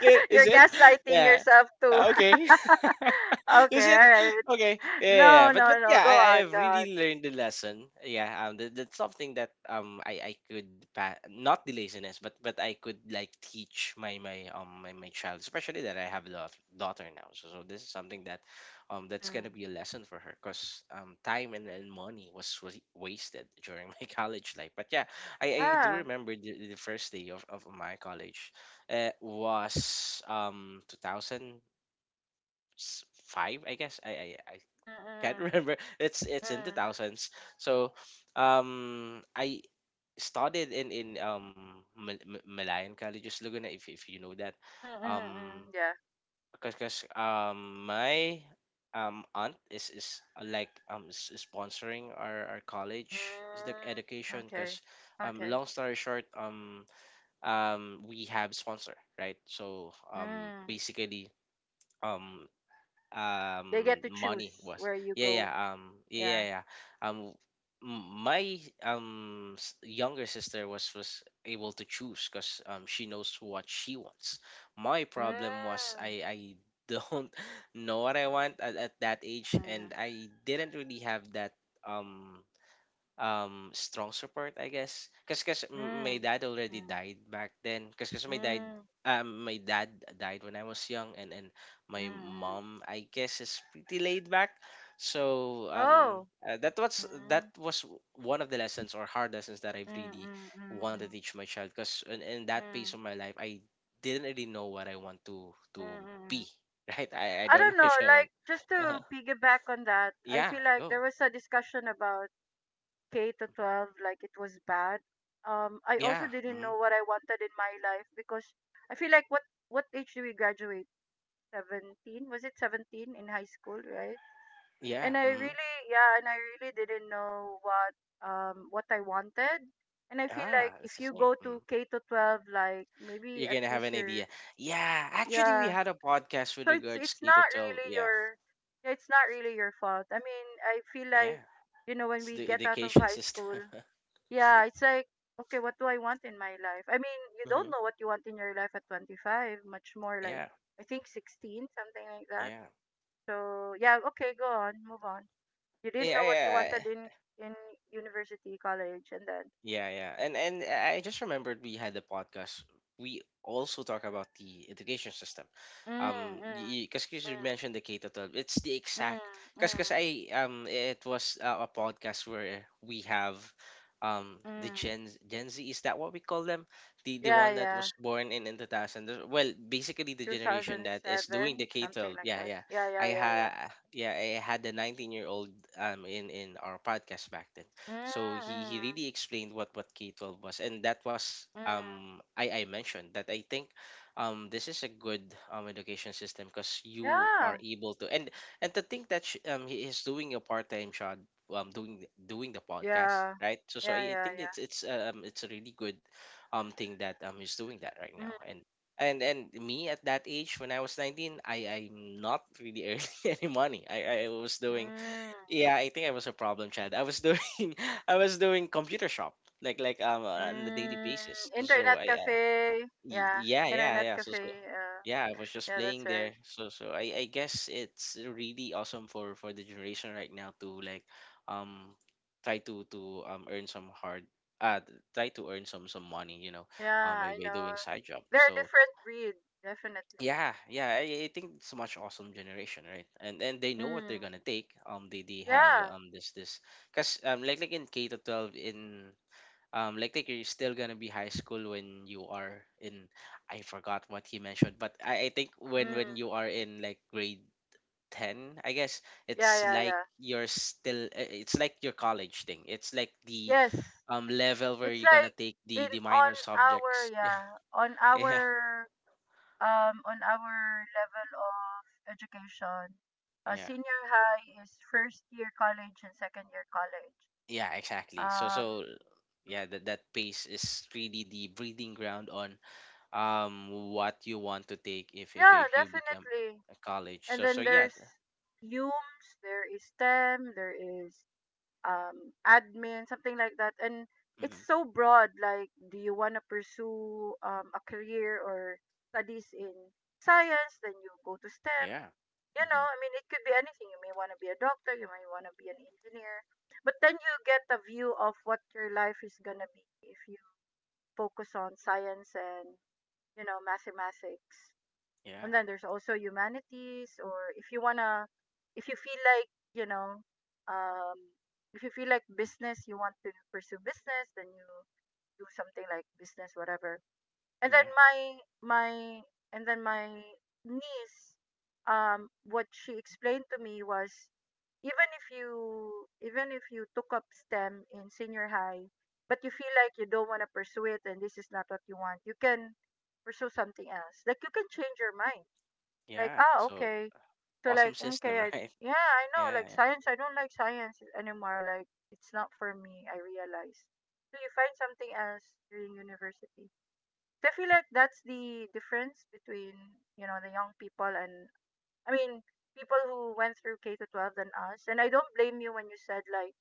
S2: yeah, is
S1: You're
S2: it...
S1: gaslighting
S2: yeah.
S1: yourself too.
S2: Ah, okay. Is
S1: Okay,
S2: it
S1: alright.
S2: okay? Yeah, yeah, yeah.
S1: No,
S2: But
S1: no,
S2: but
S1: no.
S2: yeah,
S1: Go
S2: I
S1: on,
S2: have
S1: go on.
S2: really learned the lesson. Yeah, that's something that I could not the laziness — but I could like teach my child, especially that I have a daughter now. So this is something that that's gonna
S1: Mm.
S2: be a lesson for her, cause time and money was wasted during my college life. But yeah, I do
S1: Yeah.
S2: remember the, first day of my college, was 2000... five, I guess. I
S1: Mm,
S2: can't
S1: mm,
S2: remember. It's in the
S1: mm,
S2: thousands. So, I studied in Malayan Colleges Laguna, if you know that,
S1: mm, mm,
S2: um,
S1: mm. Yeah.
S2: because my aunt is like is sponsoring our college, is the
S1: Mm.
S2: education,
S1: Okay.
S2: because
S1: Okay.
S2: long story short, we have sponsor, right? So
S1: Mm.
S2: basically, um
S1: They get to
S2: money
S1: choose
S2: was...
S1: where you
S2: yeah, yeah,
S1: go. Yeah.
S2: yeah, yeah, um my younger sister was able to choose, because she knows what she wants. My problem was,
S1: Mm.
S2: I don't know what I want at that age,
S1: Mm.
S2: and I didn't really have that um strong support, I guess, because my
S1: Mm.
S2: dad already
S1: Mm.
S2: died back then, because
S1: Mm.
S2: my dad died when I was young. And
S1: Mm.
S2: my
S1: Mm.
S2: mom, I guess, is pretty laid back. So
S1: Oh. Mm.
S2: that was one of the lessons, or hard lessons, that I
S1: Mm.
S2: really
S1: Mm.
S2: want to
S1: Mm.
S2: teach my child, because in that phase of
S1: Mm.
S2: my life I didn't really know what I want to
S1: Mm.
S2: to
S1: Mm, mm.
S2: be. Right? I
S1: I
S2: don't
S1: don't
S2: know
S1: know,
S2: if I want...
S1: like just
S2: uh,
S1: to piggyback on that, I
S2: yeah,
S1: feel like there
S2: go.
S1: was a discussion about K to
S2: Mhm.
S1: 12 like it was bad. I also
S2: Yeah.
S1: didn't
S2: Mhm.
S1: know what I wanted in my life because I feel like what age do we graduate? 17? Was it 17 in high school, right?
S2: Yeah.
S1: And I
S2: Mhm.
S1: really yeah, and I really didn't know what I wanted. And I feel
S2: Ah,
S1: like if
S2: it's the
S1: you
S2: same.
S1: go to
S2: Mm.
S1: K to 12 like maybe
S2: You're
S1: at
S2: gonna have
S1: least
S2: an idea.
S1: you're
S2: Yeah, actually, we
S1: yeah.
S2: had a podcast with
S1: So it's
S2: regards
S1: it's
S2: K to
S1: not
S2: 12.
S1: really
S2: Yeah,
S1: your yeah, it's not really your fault. I mean, I feel
S2: yeah,
S1: like you know when
S2: it's
S1: we
S2: the
S1: get out of
S2: education
S1: high
S2: system.
S1: school yeah, it's like, okay, what do I want in my life? I mean, you
S2: Hmm.
S1: don't know what you want in your life at 25, much more like,
S2: Yeah,
S1: I think 16, something like that.
S2: yeah,
S1: So, yeah, okay, go on, move on. You didn't
S2: yeah,
S1: know what you
S2: yeah.
S1: wanted in university, college, and then,
S2: Yeah, yeah. And I just remembered, we had the podcast. We also talk about the education system.
S1: mm, mm,
S2: Because you
S1: mm,
S2: mentioned the K to 12, it's the
S1: mm,
S2: exact...
S1: mm,
S2: because I it was a podcast where we have the
S1: mm.
S2: Gen Z, is that what we call them? The
S1: Yeah,
S2: one that was
S1: yeah,
S2: born in 2000. Well, basically the generation that is doing the
S1: 2007,
S2: K
S1: something
S2: 12.
S1: like
S2: Yeah,
S1: that.
S2: yeah.
S1: Yeah, yeah,
S2: I
S1: yeah, yeah.
S2: had yeah I had the 19-year-old in our podcast back then.
S1: Mm,
S2: So he
S1: mm,
S2: he really explained what K-12 was, and that was
S1: mm.
S2: I mentioned that I think this is a good education system because you
S1: Yeah,
S2: are able to, and to think that sh he is doing a part-time job, doing the podcast,
S1: yeah,
S2: right? So
S1: yeah,
S2: I
S1: yeah,
S2: think it's it's a really good thing that he's doing that right
S1: yeah. Mm,
S2: now, and me at that age when I was 19, I'm not really earning any money. I was doing
S1: mm.
S2: Yeah, I think I was a problem child. I was doing I was doing computer shop like on a daily
S1: Mm,
S2: basis.
S1: internet cafe. Yeah,
S2: Yeah, yeah,
S1: internet
S2: yeah. So
S1: cafe.
S2: yeah, I was just
S1: Yeah, that's
S2: playing
S1: right.
S2: there. So I guess it's really awesome for the generation right now to like um try to to um earn some hard uh try to earn some money,
S1: Yeah,
S2: by,
S1: I
S2: by doing
S1: know.
S2: side job.
S1: They're a
S2: So
S1: different breed, definitely.
S2: yeah, yeah, I think it's a much awesome generation, right? And they know what
S1: Mm,
S2: they're gonna take. They have
S1: yeah.
S2: this this because like in K to 12 in like you're still gonna be high school when you are in... I forgot what he mentioned, but I think when
S1: Mm,
S2: when you are in like grade ten, I guess.
S1: yeah,
S2: It's
S1: yeah,
S2: like
S1: yeah.
S2: you're still it's like your college thing. It's like the
S1: Yes,
S2: level where
S1: it's
S2: you're gonna
S1: like
S2: take the
S1: in
S2: the
S1: on
S2: minor
S1: our
S2: subjects.
S1: yeah
S2: Yeah,
S1: on our level of education.
S2: yeah, yeah.
S1: Senior high is first year college and second year college.
S2: Yeah, exactly. so
S1: Um,
S2: so yeah, that pace is really the breeding ground on what you want to take if if,
S1: yeah,
S2: if you become
S1: definitely.
S2: a college.
S1: And
S2: So
S1: then
S2: yeah.
S1: there's Humes, there is STEM, there is admin, something like that. And it's
S2: Mm-hmm,
S1: so broad. Like, do you want to pursue a career or studies in science? Then you go to STEM.
S2: yeah.
S1: You know,
S2: Mm-hmm,
S1: I mean, it could be anything. You may want to be a doctor, you may want to be an engineer. But then you get a view of what your life is going to be if you focus on science and mathematics.
S2: yeah,
S1: And then there's also humanities, or if you feel like, um, if you feel like business, you want to pursue business, then you do something like business, whatever. And then
S2: yeah,
S1: my, my niece, what she explained to me was even if you took up STEM in senior high, but you feel like you don't want to pursue it and this is not what you want, you can pursue something else. Like you can change your mind like,
S2: yeah.
S1: ah,
S2: So
S1: okay. So like,
S2: awesome
S1: okay,
S2: system right?
S1: yeah, I know.
S2: Yeah,
S1: Like, science, I don't like science anymore. Like it's not for me. I realize. So you find something else during university. So I feel like that's the difference between the young people and, I mean, people who went through K to 12 than us. And I don't blame you when you said like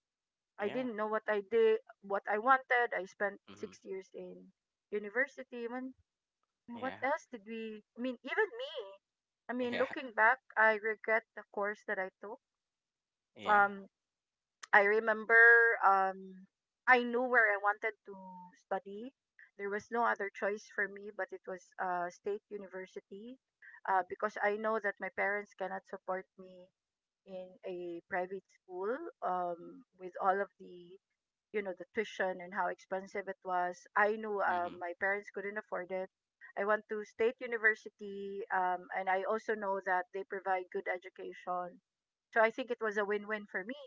S1: I
S2: yeah.
S1: didn't know what I wanted. I spent
S2: Mm-hmm,
S1: 6 years in university. When mean, what
S2: yeah,
S1: else did we? I mean, even me. I mean,
S2: yeah,
S1: looking back, I regret the course that I took.
S2: yeah.
S1: Um, I remember. Um, I knew where I wanted to study. There was no other choice for me, but it was state university, because I know that my parents cannot support me in a private school, with all of the the tuition and how expensive it was. I knew
S2: Mm-hmm,
S1: my parents couldn't afford it. I went to state university, and I also know that they provide good education, so I think it was a win-win for me.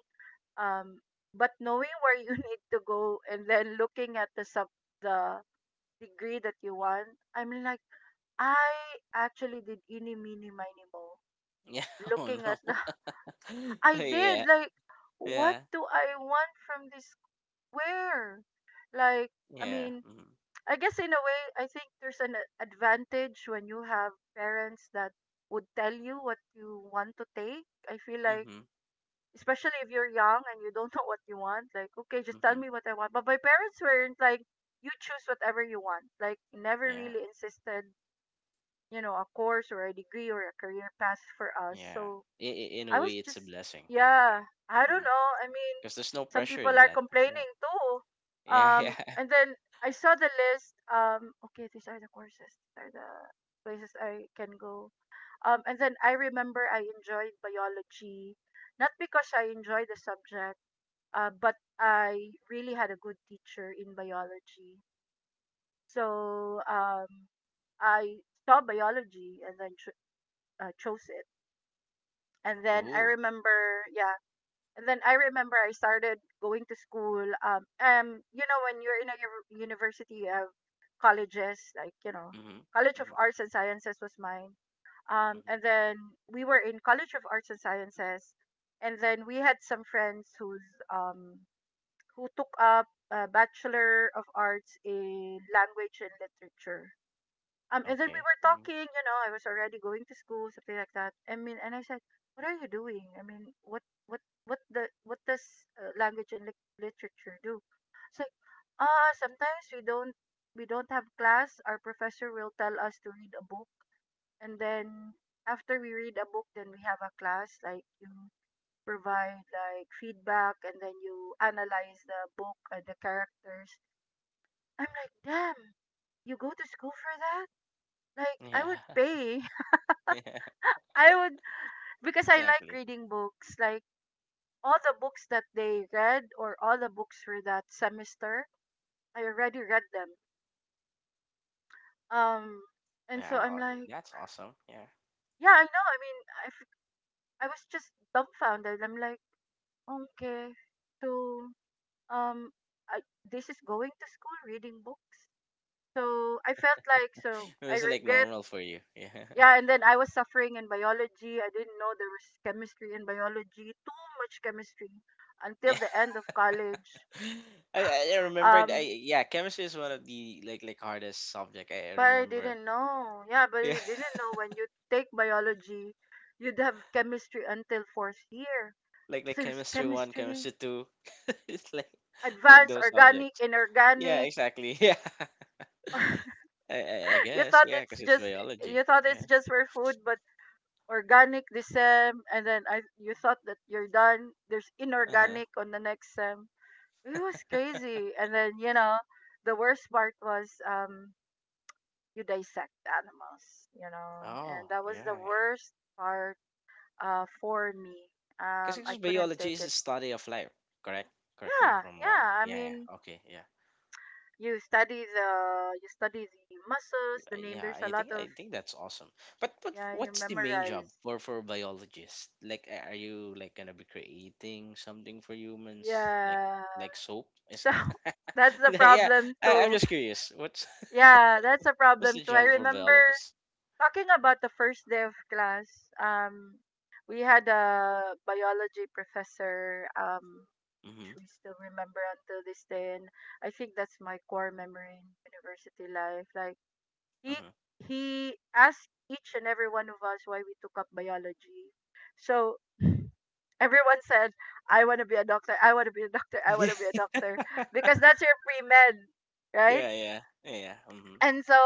S1: um, but knowing where you need to go, and then looking at the degree that you want, I'm like, I actually did any mini miny mo,
S2: yeah. Oh,
S1: looking at
S2: no.
S1: the I did
S2: Yeah,
S1: like, what
S2: yeah,
S1: do I want from this, where, like, I
S2: yeah.
S1: mean,
S2: Mm-hmm,
S1: I guess in a way, I think there's an advantage when you have parents that would tell you what you want to take. I feel like,
S2: mm-hmm,
S1: especially if you're young and you don't know what you want, like, okay, just tell
S2: mm-hmm.
S1: me what I want. But my parents weren't like, you choose whatever you want. Like, never
S2: Yeah,
S1: really insisted, a course or a degree or a career path for us.
S2: yeah.
S1: So
S2: In a
S1: I
S2: way
S1: was
S2: it's a
S1: just,
S2: blessing, right? Yeah.
S1: yeah, I don't
S2: Mm-hmm.
S1: know. I mean,
S2: Because there's no
S1: some
S2: pressure
S1: people
S2: in
S1: are
S2: that. Yeah.
S1: complaining too.
S2: Yeah. Yeah.
S1: And then I saw the list. Okay, these are the courses. These are the places I can go. And then I remember I enjoyed biology, not because I enjoyed the subject, but I really had a good teacher in biology. So I saw biology and then chose it. And then I
S2: Ooh.
S1: remember, Yeah. And then I remember I started going to school. When you're in a university, you have colleges, like,
S2: Mhm.
S1: College of
S2: Mhm.
S1: Arts and Sciences was mine.
S2: Mhm.
S1: And then we were in College of Arts and Sciences. And then we had some friends um, who took up a Bachelor of Arts in Language and Literature. And then we
S2: Okay.
S1: were
S2: Mhm.
S1: talking, you know, I was already going to school, something like that. I mean, and I said, "What are you doing? I mean, what does language and literature do?" It's like, ah, sometimes we don't have class. Our professor will tell us to read a book, and then after we read a book, then we have a class. Like, you provide like feedback, and then you analyze the book and the characters. I'm like, damn, you go to school for that? Like, I would
S2: Yeah.
S1: pay.
S2: Yeah.
S1: I would, because I like
S2: Exactly.
S1: reading books, like all the books that they read or all the books for that semester, I already read them. Um, and so I'm
S2: Wow.
S1: like,
S2: That's awesome. Yeah.
S1: yeah, I know. I mean, I, f- I was just dumbfounded. I'm like, okay, so um, I this is going to school reading books. So I felt like, so
S2: It
S1: I
S2: was like
S1: regret.
S2: normal for you. Yeah.
S1: Yeah, and then I was suffering in biology. I didn't know there was chemistry in biology. Too much chemistry
S2: Yeah.
S1: until the end of college.
S2: I remembered. I
S1: Um,
S2: Yeah. Chemistry is one of the like hardest subject. I
S1: but I
S2: remember.
S1: didn't know. Yeah, but
S2: Yeah.
S1: I didn't know when you take biology, you'd have chemistry until fourth year.
S2: Like
S1: There's
S2: chemistry one,
S1: chemistry,
S2: chemistry two. It's like
S1: advanced
S2: those
S1: organic,
S2: subjects. Yeah.
S1: inorganic.
S2: Exactly. Yeah. I
S1: you
S2: guess.
S1: thought
S2: Yeah. Because
S1: it's
S2: it's
S1: just
S2: biology.
S1: you thought it's
S2: Yeah.
S1: just for food, but organic this sem, and then I you thought that you're done. There's
S2: Uh huh.
S1: inorganic on the next sem. It was crazy. And then, the worst part was, you dissect animals,
S2: Oh,
S1: and that was the
S2: yeah.
S1: worst part for me. I
S2: Because
S1: couldn't
S2: biology
S1: take
S2: is the
S1: it.
S2: study of life, correct? Correct me
S1: Yeah,
S2: if I'm wrong.
S1: yeah. I
S2: Yeah,
S1: mean,
S2: yeah. Okay, yeah.
S1: you study the you study the muscles, the name.
S2: Yeah,
S1: There's a
S2: I
S1: lot
S2: think
S1: of,
S2: I think that's awesome. But
S1: yeah. You
S2: what's the main job
S1: memorize.
S2: for biologists? Like are you like gonna be creating something for humans? Like
S1: Yeah.
S2: soap? Is
S1: So that's the
S2: yeah,
S1: problem
S2: I'm
S1: too.
S2: just curious. What's
S1: Yeah, that's a
S2: what's
S1: problem
S2: the
S1: too. I
S2: job for
S1: remember
S2: biologists?
S1: talking about the first day of class. Um, we had a biology professor.
S2: Mm-hmm.
S1: Which we still remember until this day, and I think that's my core memory in university life. Like, he
S2: Mm-hmm.
S1: he asked each and every one of us why we took up biology. So everyone said, "I want to be a doctor. I want to be a doctor. I want to
S2: Yeah.
S1: be a doctor," because that's your pre med, right?
S2: Yeah, yeah, yeah. Mm-hmm.
S1: And so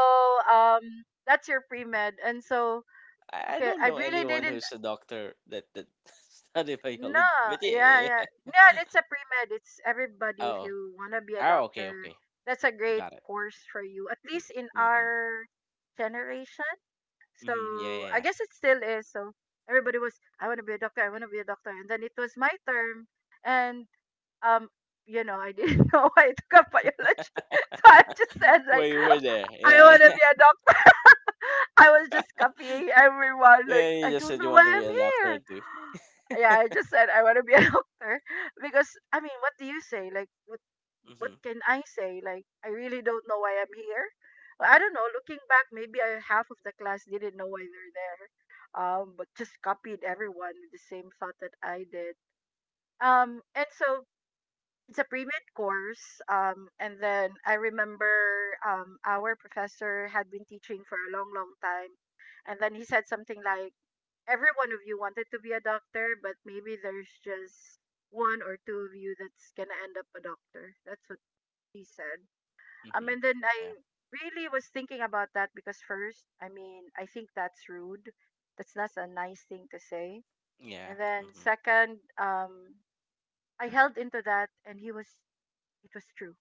S1: um, that's your pre med. And so,
S2: I
S1: okay,
S2: don't
S1: I
S2: know
S1: really
S2: anyone
S1: didn't.
S2: who's a doctor that study
S1: No,
S2: biology, but
S1: yeah,
S2: yeah.
S1: yeah, yeah. It's a pre med. It's everybody. If
S2: Oh,
S1: you want to be a
S2: oh, okay,
S1: doctor,
S2: okay,
S1: that's a
S2: I
S1: great
S2: got it.
S1: course for you. At
S2: Mm,
S1: least in
S2: mm-hmm.
S1: our generation. So
S2: Mm-hmm. Yeah, yeah,
S1: I
S2: yeah.
S1: guess it still is. So everybody was, I want to be a doctor, I want to be a doctor. And then it was my term. And, um, I didn't know why I took up biology. So I just said,
S2: Well,
S1: like,
S2: you were there.
S1: I
S2: Yeah,
S1: want to
S2: yeah.
S1: be a doctor. I was just copying everyone.
S2: Yeah,
S1: Like,
S2: you
S1: I
S2: just
S1: don't
S2: said you
S1: know why
S2: want to be
S1: I'm
S2: a
S1: here.
S2: doctor too.
S1: Yeah, I just said, I want to be a doctor. Because, I mean, what do you say? Like, what
S2: Mm-hmm.
S1: can I say? Like, I really don't know why I'm here. Well, I don't know. Looking back, maybe half of the class didn't know why they're there, but just copied everyone with the same thought that I did. And so it's a pre-med course. And then I remember, our professor had been teaching for a long, long time, and then he said something like, "Every one of you wanted to be a doctor, but maybe there's just one or two of you that's gonna end up a doctor." That's what he said.
S2: Mm-hmm.
S1: And then
S2: Yeah.
S1: I really was thinking about that because, first, I mean, I think that's rude. That's not a nice thing to say.
S2: Yeah.
S1: And then,
S2: Mm-hmm.
S1: second, I held into that, and it was true.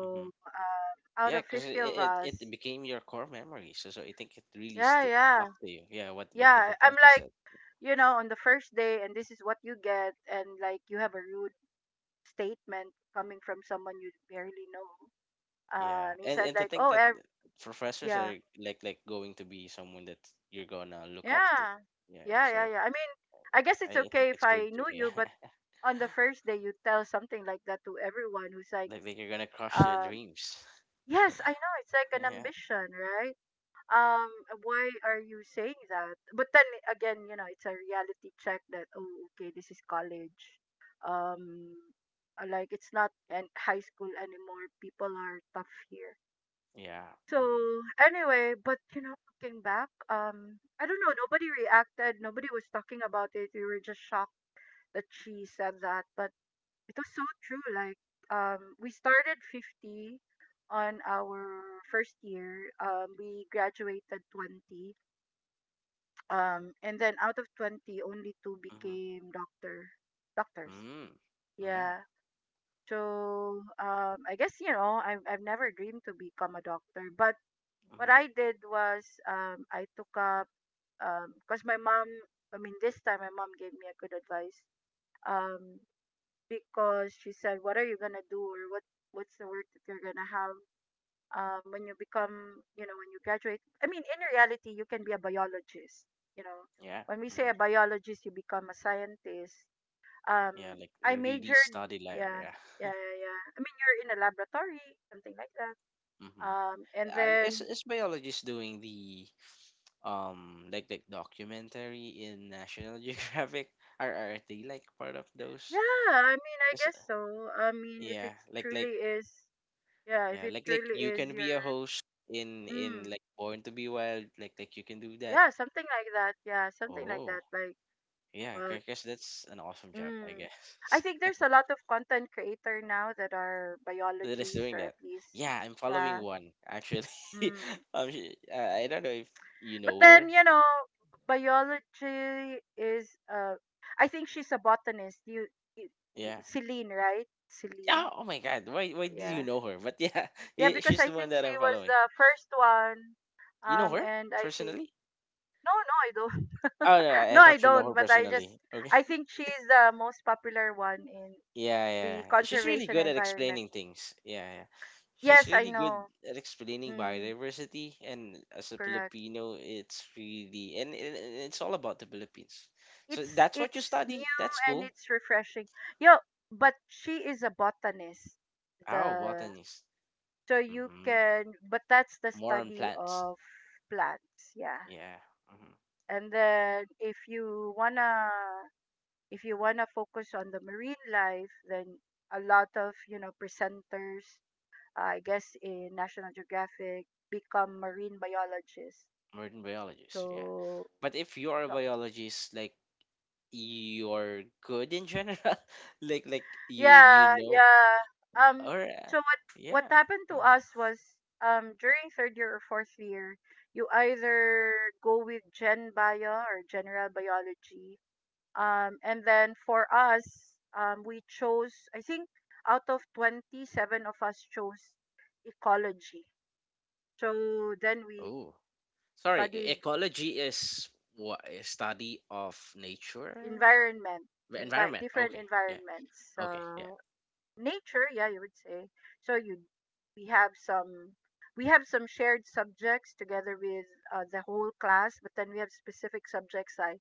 S2: Mm-hmm.
S1: out
S2: Yeah,
S1: of
S2: because it,
S1: 50 of
S2: it it
S1: us,
S2: it became your core memory, so I think it really
S1: yeah,
S2: st
S1: yeah,
S2: stuck to you. Yeah, what the
S1: yeah. I'm
S2: professor
S1: like,
S2: said.
S1: on the first day, and this is what you get, and like you have a rude statement coming from someone you barely know.
S2: Yeah,
S1: He
S2: and
S1: said
S2: and to
S1: like,
S2: think
S1: oh,
S2: that professors
S1: yeah,
S2: are like going to be someone that you're gonna look up to.
S1: yeah.
S2: Yeah, yeah.
S1: Yeah, yeah,
S2: So
S1: yeah. I mean, I guess
S2: I,
S1: it's
S2: I think
S1: okay if
S2: it's true
S1: I
S2: too.
S1: knew
S2: Yeah,
S1: you, but on the first day you tell something like that to everyone who's like,
S2: like you're gonna crush their
S1: um,
S2: dreams.
S1: yes, I know, it's like an
S2: Yeah,
S1: ambition, right? Um, why are you saying that? But then again, it's a reality check that, oh, okay, this is college. Um, like, it's not an high school anymore. People are tough here.
S2: yeah. Mm-hmm.
S1: So anyway, but looking back, I don't know. Nobody reacted. Nobody was talking about it. We were just shocked that she said that, but it was so true. Like, we started 50 on our first year. We graduated 20. And then out of 20, only two
S2: Mm-hmm.
S1: became doctors.
S2: Mm. Yeah.
S1: Yeah. So I guess, I've never dreamed to become a doctor, but what
S2: Mm-hmm.
S1: I did was, I took up because my mom. I mean, this time my mom gave me a good advice, um, because she said, "What are you gonna do, or what's the work that you're gonna have, when you become, when you graduate?" I mean, in reality, you can be a biologist. You know,
S2: Yeah.
S1: when we say
S2: Mm-hmm.
S1: a biologist, you become a scientist. Um,
S2: Yeah. Like
S1: I
S2: you really
S1: majored,
S2: study life.
S1: yeah,
S2: Yeah.
S1: yeah, yeah, yeah. I mean, you're in a laboratory, something like that.
S2: Mm-hmm.
S1: And
S2: Is
S1: then,
S2: is biologists doing the like documentary in National Geographic? Are they like part of those?
S1: yeah, I mean, I guess so. I mean, if it
S2: Yeah, like
S1: truly
S2: like
S1: is, yeah, if
S2: yeah,
S1: it
S2: like
S1: truly
S2: you
S1: is
S2: can
S1: your,
S2: be a host in
S1: mm,
S2: like Born to Be Wild, like you can do that.
S1: yeah, something like that. Yeah, something like
S2: Oh,
S1: that. Like,
S2: yeah, I
S1: what?
S2: guess that's an awesome job, I
S1: Mm. I
S2: guess.
S1: think there's a lot of content creator now that are
S2: That is
S1: biologists,
S2: doing
S1: or at
S2: that.
S1: least,
S2: Yeah, I'm following
S1: yeah.
S2: one actually.
S1: Mm.
S2: I don't know if you
S1: But
S2: know
S1: then,
S2: her.
S1: biology is. I think she's a botanist. You, you
S2: Yeah.
S1: Celine, right? Celine.
S2: Yeah. Oh my God. Why did you
S1: Yeah.
S2: know her? But yeah,
S1: Yeah, because
S2: she's
S1: I
S2: the
S1: think
S2: one that
S1: she
S2: I'm
S1: was
S2: following.
S1: the first one.
S2: You know her
S1: And I think
S2: personally?
S1: no, no, I don't.
S2: Oh no, I
S1: No, I
S2: thought you know
S1: don't.
S2: her
S1: But
S2: personally. Okay.
S1: I think she is the most popular one in
S2: Yeah, yeah.
S1: the
S2: She's really
S1: conservation
S2: good at
S1: environment.
S2: explaining things. Yeah, yeah. She's
S1: Yes, I
S2: really good
S1: know.
S2: at explaining
S1: Mm,
S2: biodiversity, and as a
S1: correct.
S2: Filipino, it's really, and it's all about the Philippines. So
S1: It's
S2: that's what you
S1: it's
S2: study.
S1: new
S2: That's
S1: and
S2: cool.
S1: it's refreshing. Yo, but she is a botanist.
S2: Oh,
S1: The
S2: botanist.
S1: so you
S2: Mm-hmm.
S1: can, but that's the
S2: More on
S1: study
S2: plants.
S1: of plants. Yeah,
S2: Yeah. Mm-hmm.
S1: and then if you want to focus on the marine life, then a lot of, presenters, I guess in National Geographic become marine biologists.
S2: More than biologists. Yeah.
S1: So,
S2: But if you are a
S1: so-
S2: biologist, like, you're good in general, like you
S1: yeah,
S2: know,
S1: yeah. Um
S2: or
S1: so what
S2: yeah.
S1: happened to
S2: Mhm.
S1: us was during third year or fourth year, you either go with gen bio or general biology. And then for us, we chose, I think out of 27 of us chose ecology. So then we
S2: Oh. Sorry,
S1: studied
S2: ecology is what, a study of nature,
S1: environment,
S2: the environment?
S1: different
S2: Okay, yeah.
S1: environments.
S2: Okay, yeah.
S1: So nature, yeah, you would say. So you, we have some shared subjects together with the whole class, but then we have specific subjects I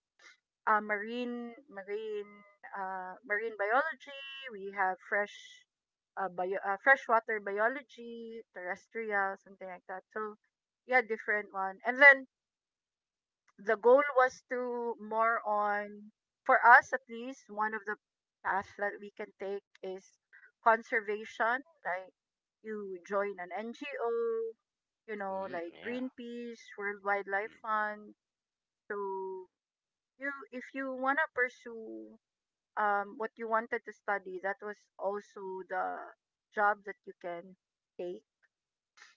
S1: uh, marine marine marine biology. We have freshwater biology, terrestrial, something like that. So yeah, different one. And then the goal was to more on for us at least one of the paths that we can take is conservation. Like you join an NGO,
S2: Mm,
S1: like
S2: yeah.
S1: Greenpeace, World Wildlife Fund. So you If you wanna pursue what you wanted to study, that was also the job that you can take.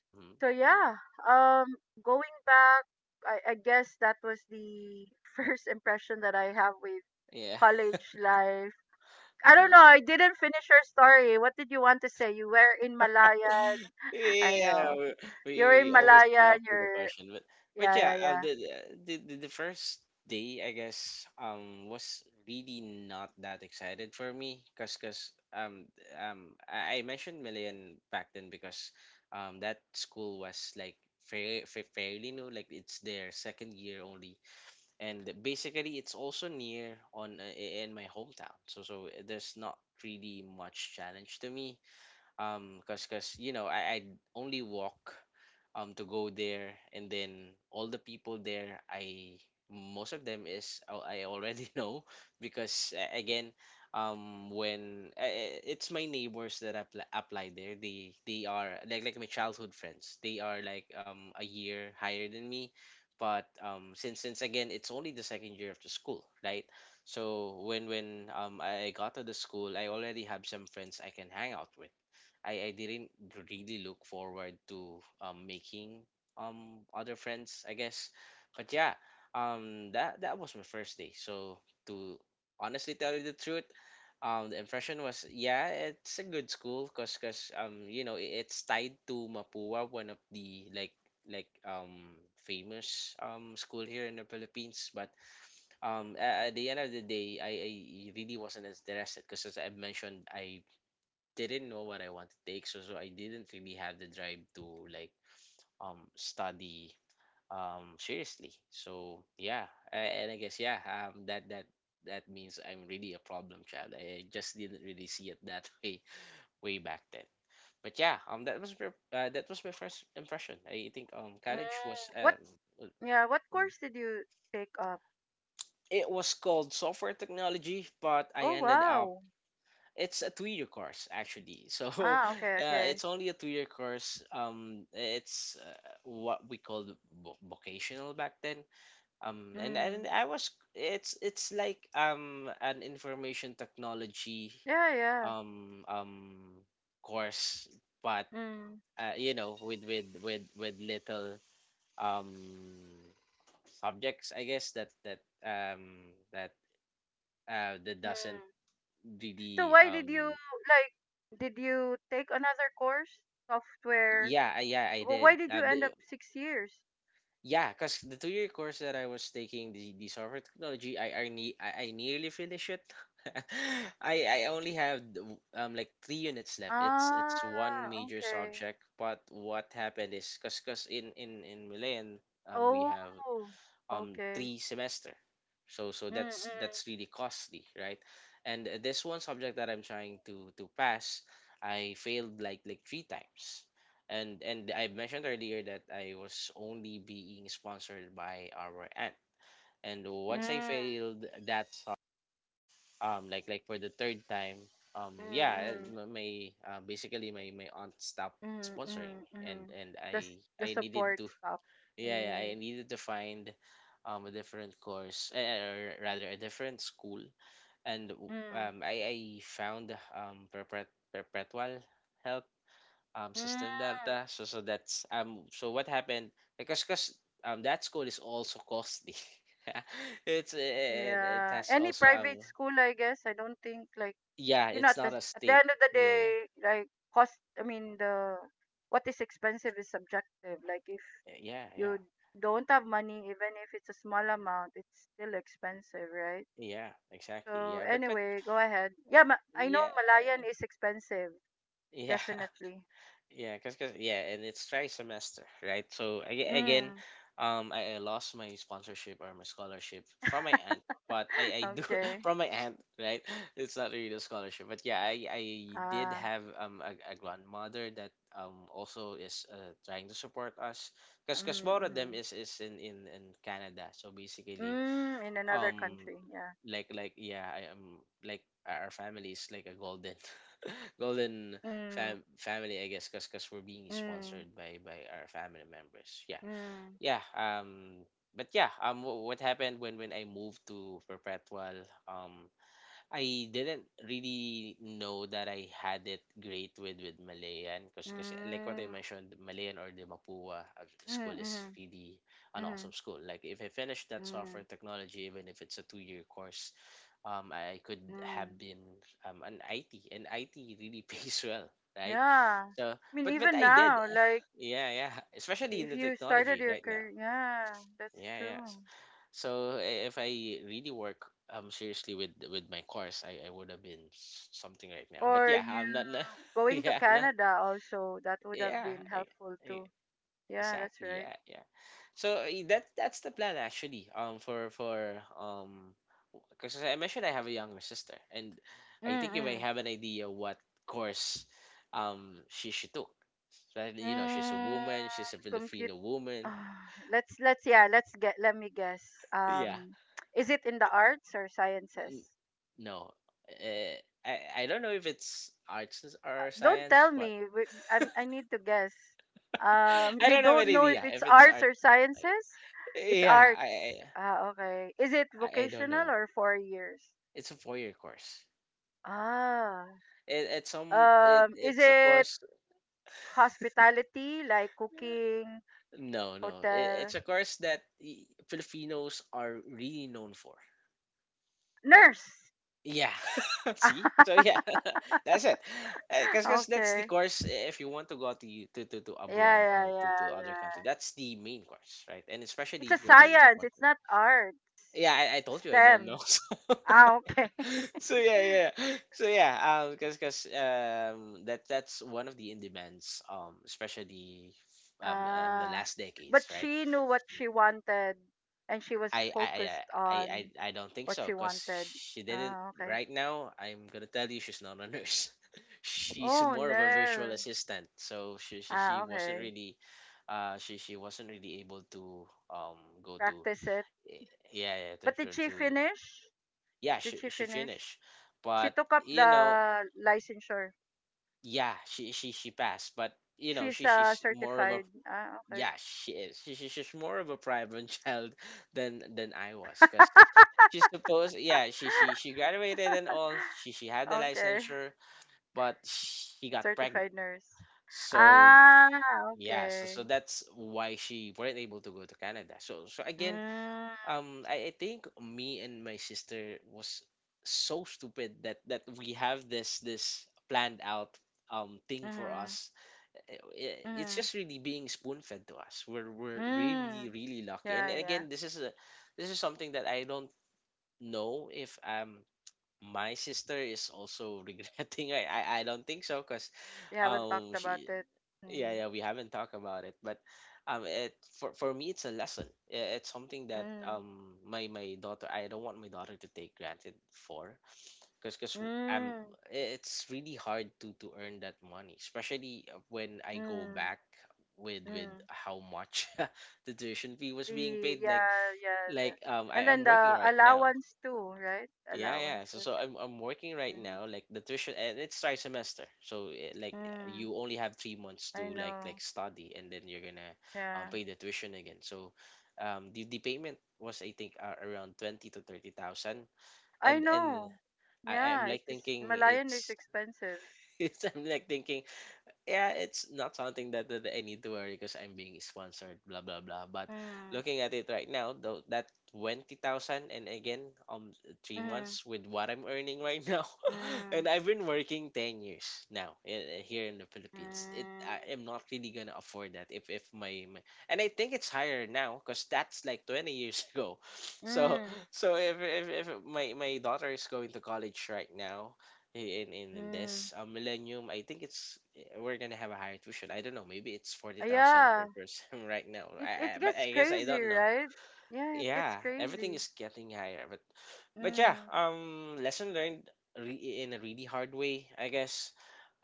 S2: Hmm. Hmm.
S1: So yeah, um going back, I guess that was the first impression that I have with
S2: Yeah.
S1: college life. I don't know, I didn't finish your story. What did you want to say? You were in Malayan? I
S2: Yeah,
S1: know
S2: we, we
S1: you're
S2: we
S1: in
S2: always go
S1: Malayan.
S2: off with the
S1: You're
S2: question, but
S1: Yeah,
S2: yeah,
S1: yeah, yeah.
S2: the first day I guess was really not that excited for me, cause I mentioned Million back then because that school was like, fairly new, like it's their second year only, and basically it's also near on in my hometown, so there's not really much challenge to me, cause you know, I only walk to go there, and then all the people there, I most of them is I already know, because again, when it's my neighbors that apply there, they are like my childhood friends, they are like a year higher than me. But since again, it's only the second year of the school, right? So when I got to the school, I already have some friends I can hang out with. I didn't really look forward to making other friends, I guess. But yeah, that was my first day. So, to honestly tell you the truth, the impression was, yeah, it's a good school, cause you know, it's tied to Mapua, one of the like famous school here in the Philippines, but at the end of the day, I really wasn't interested, because as I mentioned, I didn't know what I want to take, so I didn't really have the drive to like study seriously. So yeah, and I guess, yeah, that means I'm really a problem child. I just didn't really see it that way back then. But yeah, that was my first impression. I think college was
S1: What?
S2: uh,
S1: Yeah, what course did you take up?
S2: it was called software technology, but I
S1: Oh,
S2: ended up...
S1: wow.
S2: it's a two-year course actually, so
S1: Ah, okay, okay.
S2: it's only a two-year course. It's what we called, vocational back then.
S1: Mm.
S2: And I was It's like an information technology
S1: Yeah, yeah.
S2: um um course, but
S1: Mm,
S2: you know, with little um subjects, I guess, um that that
S1: mm.
S2: doesn't
S1: So
S2: really
S1: why did you like did you take another course? Software.
S2: yeah, yeah, I
S1: Well,
S2: did.
S1: why did you end up 6 years?
S2: Yeah, because the two-year course that I was taking, the software technology, I nearly finished it. I only have like three units left. It's one
S1: Ah,
S2: major
S1: okay.
S2: subject, but what happened is, because cause 'cause in Milan, we
S1: Oh,
S2: have
S1: okay.
S2: three semester, so
S1: Mm,
S2: that's
S1: mm,
S2: that's really costly, right? And this one subject that I'm trying to pass, I failed like three times. And I mentioned earlier that I was only being sponsored by our aunt, and once I
S1: mm,
S2: failed that like for the third time, yeah,
S1: mm,
S2: my basically, my aunt stopped
S1: mm, mm,
S2: sponsoring
S1: mm,
S2: me, and
S1: mm.
S2: and
S1: The
S2: i i needed
S1: support
S2: to...
S1: stuff.
S2: yeah, yeah, I
S1: Mm,
S2: needed to find a different course, eh, or rather a different school, and
S1: mm,
S2: I found perpetual help
S1: mm.
S2: system data. So that's so what happened, because cause that school is also costly. It's eh, it
S1: Yeah.
S2: has
S1: Any
S2: also
S1: private school, I guess. I don't think like
S2: yeah, it's
S1: at the,
S2: not a
S1: at the
S2: state.
S1: end of the
S2: Yeah,
S1: day,
S2: yeah,
S1: like cost, I mean, the what is expensive is subjective. Like if
S2: yeah. Yeah,
S1: you don't have money, even if it's a small amount, it's still expensive, right?
S2: yeah, exactly.
S1: So
S2: Yeah, but
S1: anyway, go ahead. Yeah, I know
S2: yeah,
S1: Malayan is expensive,
S2: yeah.
S1: definitely.
S2: Yeah, cause yeah, and it's tri-semester, right? So again,
S1: Mm.
S2: I lost my sponsorship or my scholarship from my aunt, but I do
S1: Okay.
S2: from my aunt, right? It's not really a scholarship, but yeah, I did
S1: Ah.
S2: have a grandmother that also is trying to support us, cause both of
S1: Mm,
S2: them is in Canada, so
S1: hmm.
S2: basically
S1: In another
S2: um
S1: country, yeah.
S2: like yeah, I am like our family is like a golden golden
S1: Mm,
S2: family, I guess, because we're being
S1: mm,
S2: sponsored by our family members, yeah,
S1: mm,
S2: yeah. But yeah, what happened when I moved to perpetual, um I didn't really know that I had it great with Malayan, because like
S1: mm,
S2: what I mentioned, Malayan or the Mapua
S1: mm,
S2: school
S1: mm,
S2: is really an
S1: mm,
S2: awesome school. Like if I finish that
S1: mm,
S2: software technology, even if it's a two-year course, I could
S1: mm.
S2: have been an IT, and IT really pays well, right?
S1: Yeah.
S2: So,
S1: I mean, even
S2: but I did,
S1: now, like
S2: yeah, yeah. Especially
S1: if
S2: in the
S1: you started
S2: technology
S1: your
S2: right now,
S1: career, yeah, that's
S2: yeah, yeah.
S1: true.
S2: So, if I really work seriously with my course, I would have been something right now. But
S1: Or
S2: yeah, I'm
S1: you
S2: not, not
S1: going to
S2: yeah, I'm not.
S1: Canada also, that would have
S2: Yeah.
S1: been
S2: I,
S1: helpful
S2: I,
S1: too. Yeah, that's
S2: Exactly.
S1: right.
S2: Yeah, yeah. So eh, that that's the plan, actually. For because I mentioned I have a younger sister, and I think you may
S1: Mm-mm.
S2: have an idea what course she took. So, you know, she's a
S1: Mm,
S2: woman. She's a
S1: compute.
S2: Filipino woman.
S1: Ah, let's yeah, let me guess.
S2: Yeah.
S1: Is it in the arts or sciences?
S2: N- No. Uh, I don't know if it's arts or
S1: Don't
S2: science,
S1: tell
S2: but
S1: me. Wait, I need to guess.
S2: I
S1: You
S2: don't have an
S1: don't know if
S2: idea
S1: it's
S2: if it's
S1: arts
S2: art.
S1: or sciences? It's
S2: Yeah,
S1: arts.
S2: I I,
S1: Ah, okay. Is it
S2: I I don't
S1: vocational
S2: know.
S1: or 4 years?
S2: It's a four-year course.
S1: Ah. Is
S2: It's a
S1: it
S2: course.
S1: hospitality, like cooking,
S2: No, it's
S1: hotel?
S2: a course that Filipinos are really known for.
S1: Nurse.
S2: Yeah. See, so yeah. That's it, because cause 'cause that's the
S1: Okay.
S2: course. If you want to go to, to
S1: Yeah,
S2: abroad
S1: yeah,
S2: or to
S1: yeah,
S2: other country,
S1: yeah.
S2: that's the main course, right? And especially
S1: It's a
S2: if you're being
S1: science. It's
S2: sponsored.
S1: not art.
S2: Yeah, I told you I don't know.
S1: STEM. Ah, okay.
S2: So yeah, yeah. So yeah, because that's one of the in demands, especially in the
S1: Ah.
S2: last decades,
S1: But
S2: right?
S1: she knew what she wanted and she was
S2: I I I
S1: focused
S2: I
S1: on
S2: I I don't think
S1: what
S2: so,
S1: she
S2: cause
S1: wanted.
S2: she didn't.
S1: Ah, okay.
S2: Right now, I'm gonna tell you, she's not a nurse. She's
S1: Oh
S2: more of a virtual
S1: no.
S2: assistant. So she
S1: Ah,
S2: wasn't
S1: okay.
S2: really. She wasn't really able to go to
S1: Practice it.
S2: eh, yeah, yeah, to,
S1: But did
S2: to,
S1: she
S2: to
S1: finish?
S2: yeah,
S1: Did
S2: she
S1: she
S2: she
S1: finish?
S2: finished,
S1: She
S2: but
S1: took up
S2: you know.
S1: the licensure.
S2: Yeah, she passed, but you know,
S1: She's
S2: she she's more of a,
S1: certified. Ah,
S2: yeah,
S1: okay.
S2: she is she she's more of a private child than I was, because she's supposed, yeah, she graduated and all, she had the
S1: Okay.
S2: licensure, but she got pregnant.
S1: Certified nurse.
S2: So
S1: Ah,
S2: yeah, so so
S1: okay.
S2: that's why she weren't able to go to Canada, so so again,
S1: Mm,
S2: I think me and my sister was so stupid that that we have this planned out thing for
S1: mm-hmm,
S2: us. It's
S1: mm-hmm,
S2: just really being spoon fed to us. We're really
S1: mm.
S2: really lucky. And
S1: Yeah, yeah.
S2: again, this is a, this is something that I don't know if my sister is also regretting. I don't think so, because
S1: You haven't talked about
S2: she,
S1: it.
S2: yeah,
S1: Mm.
S2: yeah, we haven't talked about it. But it, for me it's a lesson. It's something that
S1: Mm.
S2: my daughter, I don't want my daughter to take granted for, because I'm,
S1: Mm.
S2: it's really hard to earn that money, especially when I go
S1: Mm.
S2: back with
S1: Mm.
S2: how much the tuition fee was being
S1: The
S2: paid. Like,
S1: Yeah, yeah, yeah. And
S2: I
S1: then
S2: am working
S1: the
S2: right now.
S1: allowance too, right?
S2: Yeah, yeah. So
S1: Allowances.
S2: so I'm working right
S1: Mm.
S2: now. Like the tuition, and it's tri semester. So eh, like
S1: Mm.
S2: you only have 3 months
S1: I
S2: to like
S1: know.
S2: study, and then you're gonna
S1: Yeah.
S2: pay the tuition again. So the payment was, I think, around 20 to 30,000,
S1: I
S2: and
S1: know.
S2: I
S1: Yeah,
S2: I'm
S1: it
S2: like
S1: is
S2: thinking
S1: Malayan is
S2: it's
S1: expensive.
S2: so I'm like thinking, yeah, it's not something that, that I need to worry, because I'm being sponsored, blah blah blah. But
S1: Mm.
S2: looking at it right now, though, that 20,000, and again, um, three
S1: Mm.
S2: months with what I'm earning right now,
S1: Mm.
S2: and I've been working 10 years now in, here in the Philippines. It,
S1: Mm.
S2: I am not really gonna afford that if my, my. And I think it's higher now, because that's like 20 years ago. So,
S1: Mm.
S2: so if my my daughter is going to college right now, in
S1: Mm.
S2: this millennium, I think it's eh, we're gonna have a higher tuition. I don't know. Maybe it's forty thousand per
S1: Yeah.
S2: person right now.
S1: It
S2: I,
S1: it
S2: but
S1: gets
S2: I guess I
S1: crazy,
S2: don't know.
S1: right? Yeah, it gets
S2: Yeah, everything
S1: crazy.
S2: is getting higher. But yeah,
S1: Mm.
S2: lesson learned in a really hard way, I guess.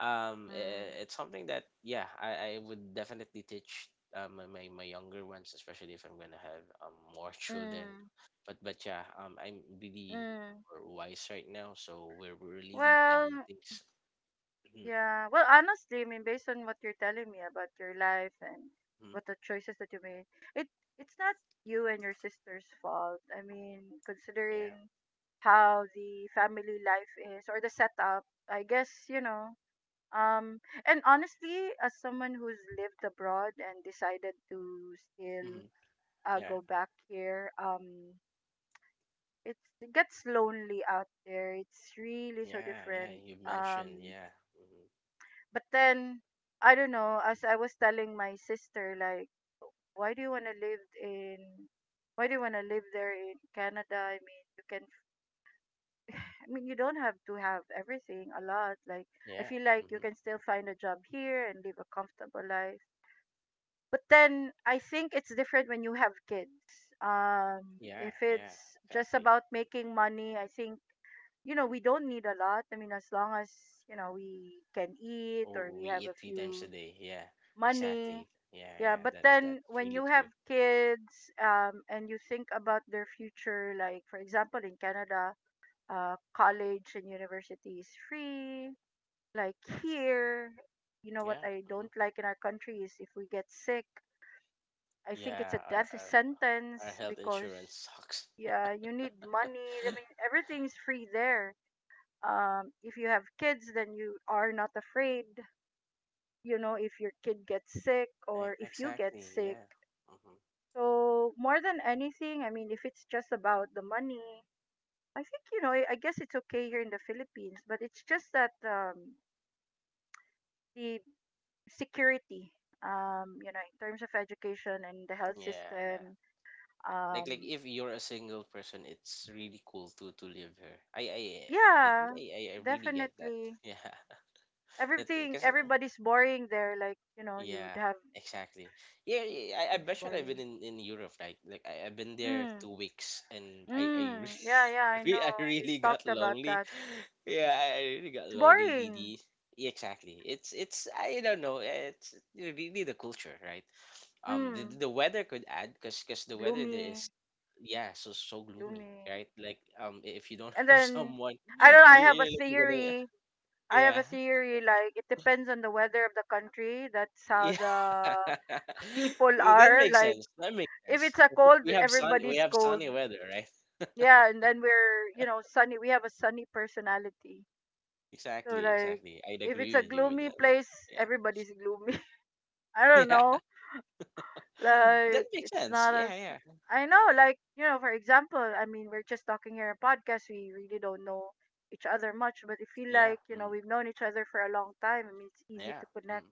S1: Mm.
S2: It's something that yeah, I would definitely teach my younger ones, especially if I'm gonna have more children.
S1: Mm.
S2: But yeah, I'm really
S1: Mm.
S2: more wise right now, so we're really planning
S1: Well,
S2: things. Hmm.
S1: yeah. Well, honestly, I mean, based on what you're telling me about your life and
S2: Hmm.
S1: what the choices that you made, it it's not you and your sister's fault. I mean, considering
S2: Yeah.
S1: how the family life is or the setup, I guess. Um, and honestly, as someone who's lived abroad and decided to still
S2: Hmm. Yeah.
S1: go back here, it gets lonely out there. It's really so
S2: Yeah. Yeah.
S1: different.
S2: You mentioned,
S1: Um,
S2: yeah. Hmm.
S1: But then, I don't know, as I was telling my sister, like, why do you want to live in, why do you want to live there in Canada? I mean, I mean, you don't have to have everything a lot. Like,
S2: Yeah.
S1: I feel
S2: Hmm.
S1: like you can still find a job here and live a comfortable life. But then, I think it's different when you have kids. Um,
S2: Yeah.
S1: if
S2: Yeah.
S1: it's just
S2: Exactly.
S1: about making money, I think we don't need a lot. I mean, as long as, we can eat or
S2: Oh,
S1: we
S2: we
S1: have a
S2: eat three times a
S1: few
S2: day. Yeah,
S1: money.
S2: exactly. Yeah,
S1: Yeah,
S2: yeah,
S1: but then
S2: that's
S1: when
S2: really
S1: you have
S2: true.
S1: kids, and you think about their future, like for example in Canada, college and university is free. Like here, you know what
S2: Yeah,
S1: I
S2: mhm.
S1: don't like in our country is if we get sick, I think it's
S2: Yeah.
S1: a death
S2: Our
S1: sentence
S2: health
S1: because
S2: insurance sucks.
S1: yeah, you need money. I mean, everything's free there. If you have kids, then you are not afraid. You know, if your kid gets sick or if you get
S2: Exactly.
S1: sick.
S2: Yeah. Hmm.
S1: So more than anything, I mean, if it's just about the money, I think I guess it's okay here in the Philippines, but it's just that the security, in terms of education and the health
S2: Yeah. That.
S1: system,
S2: Like
S1: um,
S2: if you're a single person, it's really cool to live here. I I think
S1: yeah,
S2: I really get that.
S1: definitely.
S2: Yeah. That because
S1: Everybody's boring there. Like you would
S2: yeah.
S1: have
S2: Exactly. Yeah, yeah, I
S1: things
S2: bet you, I've been
S1: boring.
S2: in Europe. Like I, I've been there
S1: Mm,
S2: 2 weeks, and I
S1: mm, yeah, yeah, I
S2: I
S1: know. We've
S2: really got
S1: talked about
S2: lonely.
S1: that.
S2: Yeah, I really got
S1: It's
S2: lonely,
S1: boring.
S2: DD. Yeah, exactly. It's, I don't know. It's really the culture, right?
S1: Mm,
S2: The weather could add, because the weather there
S1: gloomy,
S2: is, yeah, so so gloomy,
S1: gloomy.
S2: right? Like if you don't
S1: And
S2: have
S1: then
S2: someone,
S1: I don't know, I have a
S2: looking gonna,
S1: theory. I have
S2: yeah,
S1: a theory like it depends on the weather of the country. That's how
S2: yeah.
S1: the people
S2: That
S1: are.
S2: makes
S1: Like
S2: sense. That makes
S1: if
S2: sense.
S1: it's a cold,
S2: We have sun. We
S1: everybody's
S2: have
S1: cold.
S2: sunny weather, right?
S1: Yeah, and then we're, sunny. We have a sunny personality. So
S2: Exactly.
S1: like
S2: Exactly. I'd
S1: if it's
S2: agree
S1: a
S2: with you with
S1: gloomy
S2: that one.
S1: place,
S2: Yeah.
S1: everybody's gloomy. I don't
S2: Yeah.
S1: know.
S2: That
S1: Like
S2: makes
S1: it's
S2: sense.
S1: not
S2: Yeah,
S1: as
S2: yeah,
S1: I know, like, for example, I mean we're just talking here in podcast, we really don't know each other much, but I feel
S2: yeah,
S1: like,
S2: mm,
S1: we've known each other for a long time. I mean it's easy
S2: yeah,
S1: to
S2: mm,
S1: connect.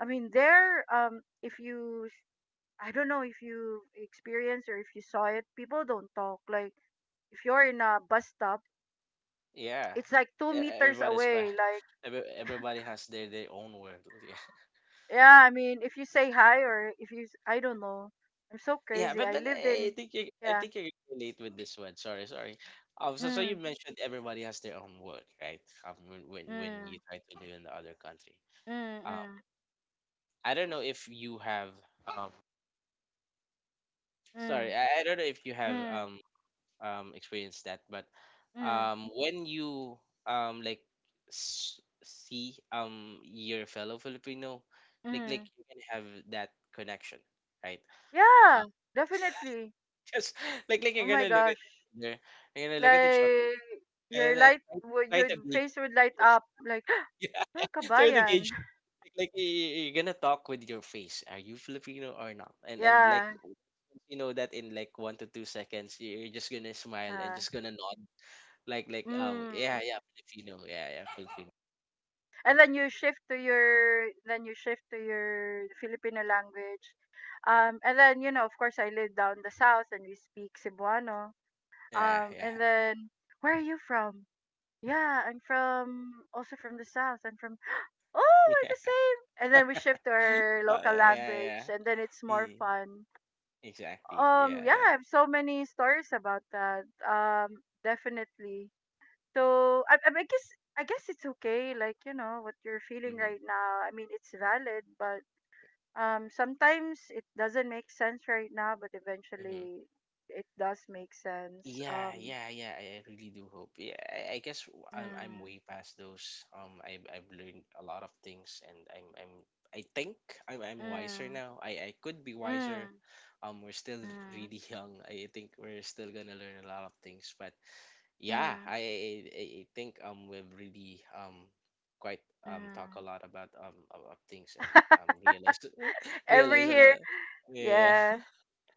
S1: I mean there, if you I don't know if you experienced or if you saw it, people don't talk. Like if you're in a bus stop,
S2: yeah.
S1: it's like two
S2: E-
S1: meters
S2: Everybody's quite.
S1: away. Like,
S2: Everybody has their own world. Yeah,
S1: yeah, I mean, if you say hi or if you, s- I don't know, I'm so
S2: yeah.
S1: crazy. I
S2: But
S1: lived
S2: I
S1: in,
S2: think you, I
S1: yeah,
S2: think you can relate with this one. Sorry, sorry. Um, so so you
S1: mm,
S2: mentioned everybody has their own world, right? When when you
S1: mm.
S2: try to live in the other country.
S1: Mm,
S2: Um.
S1: mm,
S2: I don't know if you have. Um. Sorry.
S1: mm,
S2: I don't know if you have
S1: mm,
S2: experienced that, but
S1: mm,
S2: when you like see your fellow Filipino, like
S1: mm.
S2: you can have that connection, right? Um.
S1: Yeah, definitely.
S2: Just, like
S1: Oh
S2: you're
S1: my
S2: gonna look at
S1: gosh.
S2: each other, you're gonna look at each other,
S1: Like
S2: and then try
S1: your
S2: to gauge.
S1: face would light up like
S2: Yeah,
S1: ah,
S2: yeah, try to
S1: kabayan.
S2: gauge, like you're gonna talk with your face, are you Filipino or not? And and like
S1: Yeah.
S2: you know that in like 1 to 2 seconds, you're just gonna smile and
S1: Uh,
S2: just gonna nod. Like,
S1: mm.
S2: yeah, yeah, Filipino, yeah, yeah, Filipino,
S1: And then you shift to your Filipino language. And then of course I live down the south and we speak Cebuano.
S2: yeah, yeah.
S1: And then where are you from? Yeah, I'm from also from the south. I'm from Oh, we're
S2: Yeah.
S1: the same. And then we shift to our local
S2: Yeah, yeah.
S1: language, and then it's more
S2: Mm,
S1: fun.
S2: exactly, yeah,
S1: Yeah,
S2: yeah.
S1: I have so many stories about that. Definitely. So I mean, I guess it's okay. Like you know what you're feeling
S2: Mm-hmm.
S1: right now. I mean, it's valid, but sometimes it doesn't make sense right now, but
S2: Mm-hmm.
S1: eventually it does make sense.
S2: Yeah, yeah, yeah, I really do hope. Yeah, I guess I'm
S1: Mm,
S2: way past those. Um, I I've learned a lot of things, and I'm, I think I'm wiser
S1: mm,
S2: now. I could be wiser.
S1: mm,
S2: Um, we're still
S1: mm,
S2: really young, I think we're still gonna learn a lot of things. But yeah,
S1: mm,
S2: I I think we've really quite talk
S1: mm.
S2: a lot about of things, and realize
S1: Every
S2: realize a
S1: year,
S2: lot. Yeah,
S1: yeah.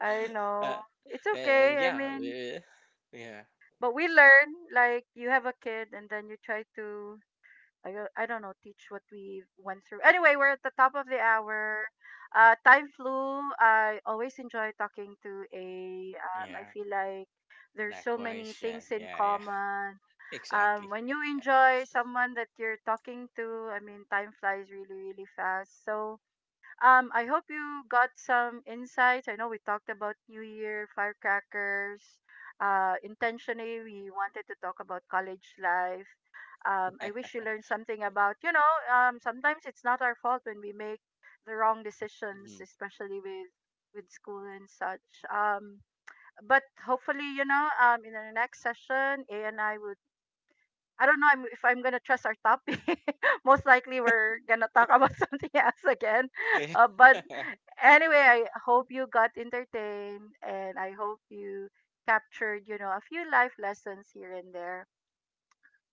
S1: I know.
S2: uh,
S1: It's okay.
S2: and
S1: I
S2: yeah,
S1: mean,
S2: we, yeah,
S1: but we learn like you have a kid and then you try to I don't know teach what we went through. Anyway, we're at the top of the hour. Time flew. I always enjoy talking to a I
S2: yeah.
S1: feel like there's so many
S2: Likewise,
S1: things
S2: Jan.
S1: in
S2: Yeah, yeah.
S1: common.
S2: Exactly.
S1: When you
S2: Yeah.
S1: enjoy someone that you're talking to, I mean time flies really really fast. So I hope you got some insights. I know we talked about New Year, firecrackers. Intentionally, we wanted to talk about college life. I wish you learned something about, sometimes it's not our fault when we make the wrong
S2: Mhm.
S1: decisions, especially with school and such. But hopefully, in the next session, A and I will I don't know if I'm gonna trust our topic. Most likely, we're gonna talk about something else again.
S2: Yeah.
S1: But anyway, I hope you got entertained, and I hope you captured, a few life lessons here and there.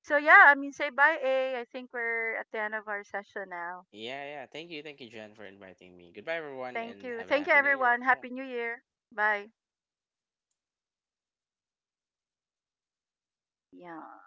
S1: So yeah, I mean, say bye, A. I think we're at the end of our session now.
S2: Yeah, yeah. Thank you, Jan, for inviting me. Goodbye, everyone, and have a
S1: Thank you,
S2: happy new year.
S1: everyone.
S2: Yeah.
S1: Happy New Year. Bye.
S2: Yeah.
S1: Yeah.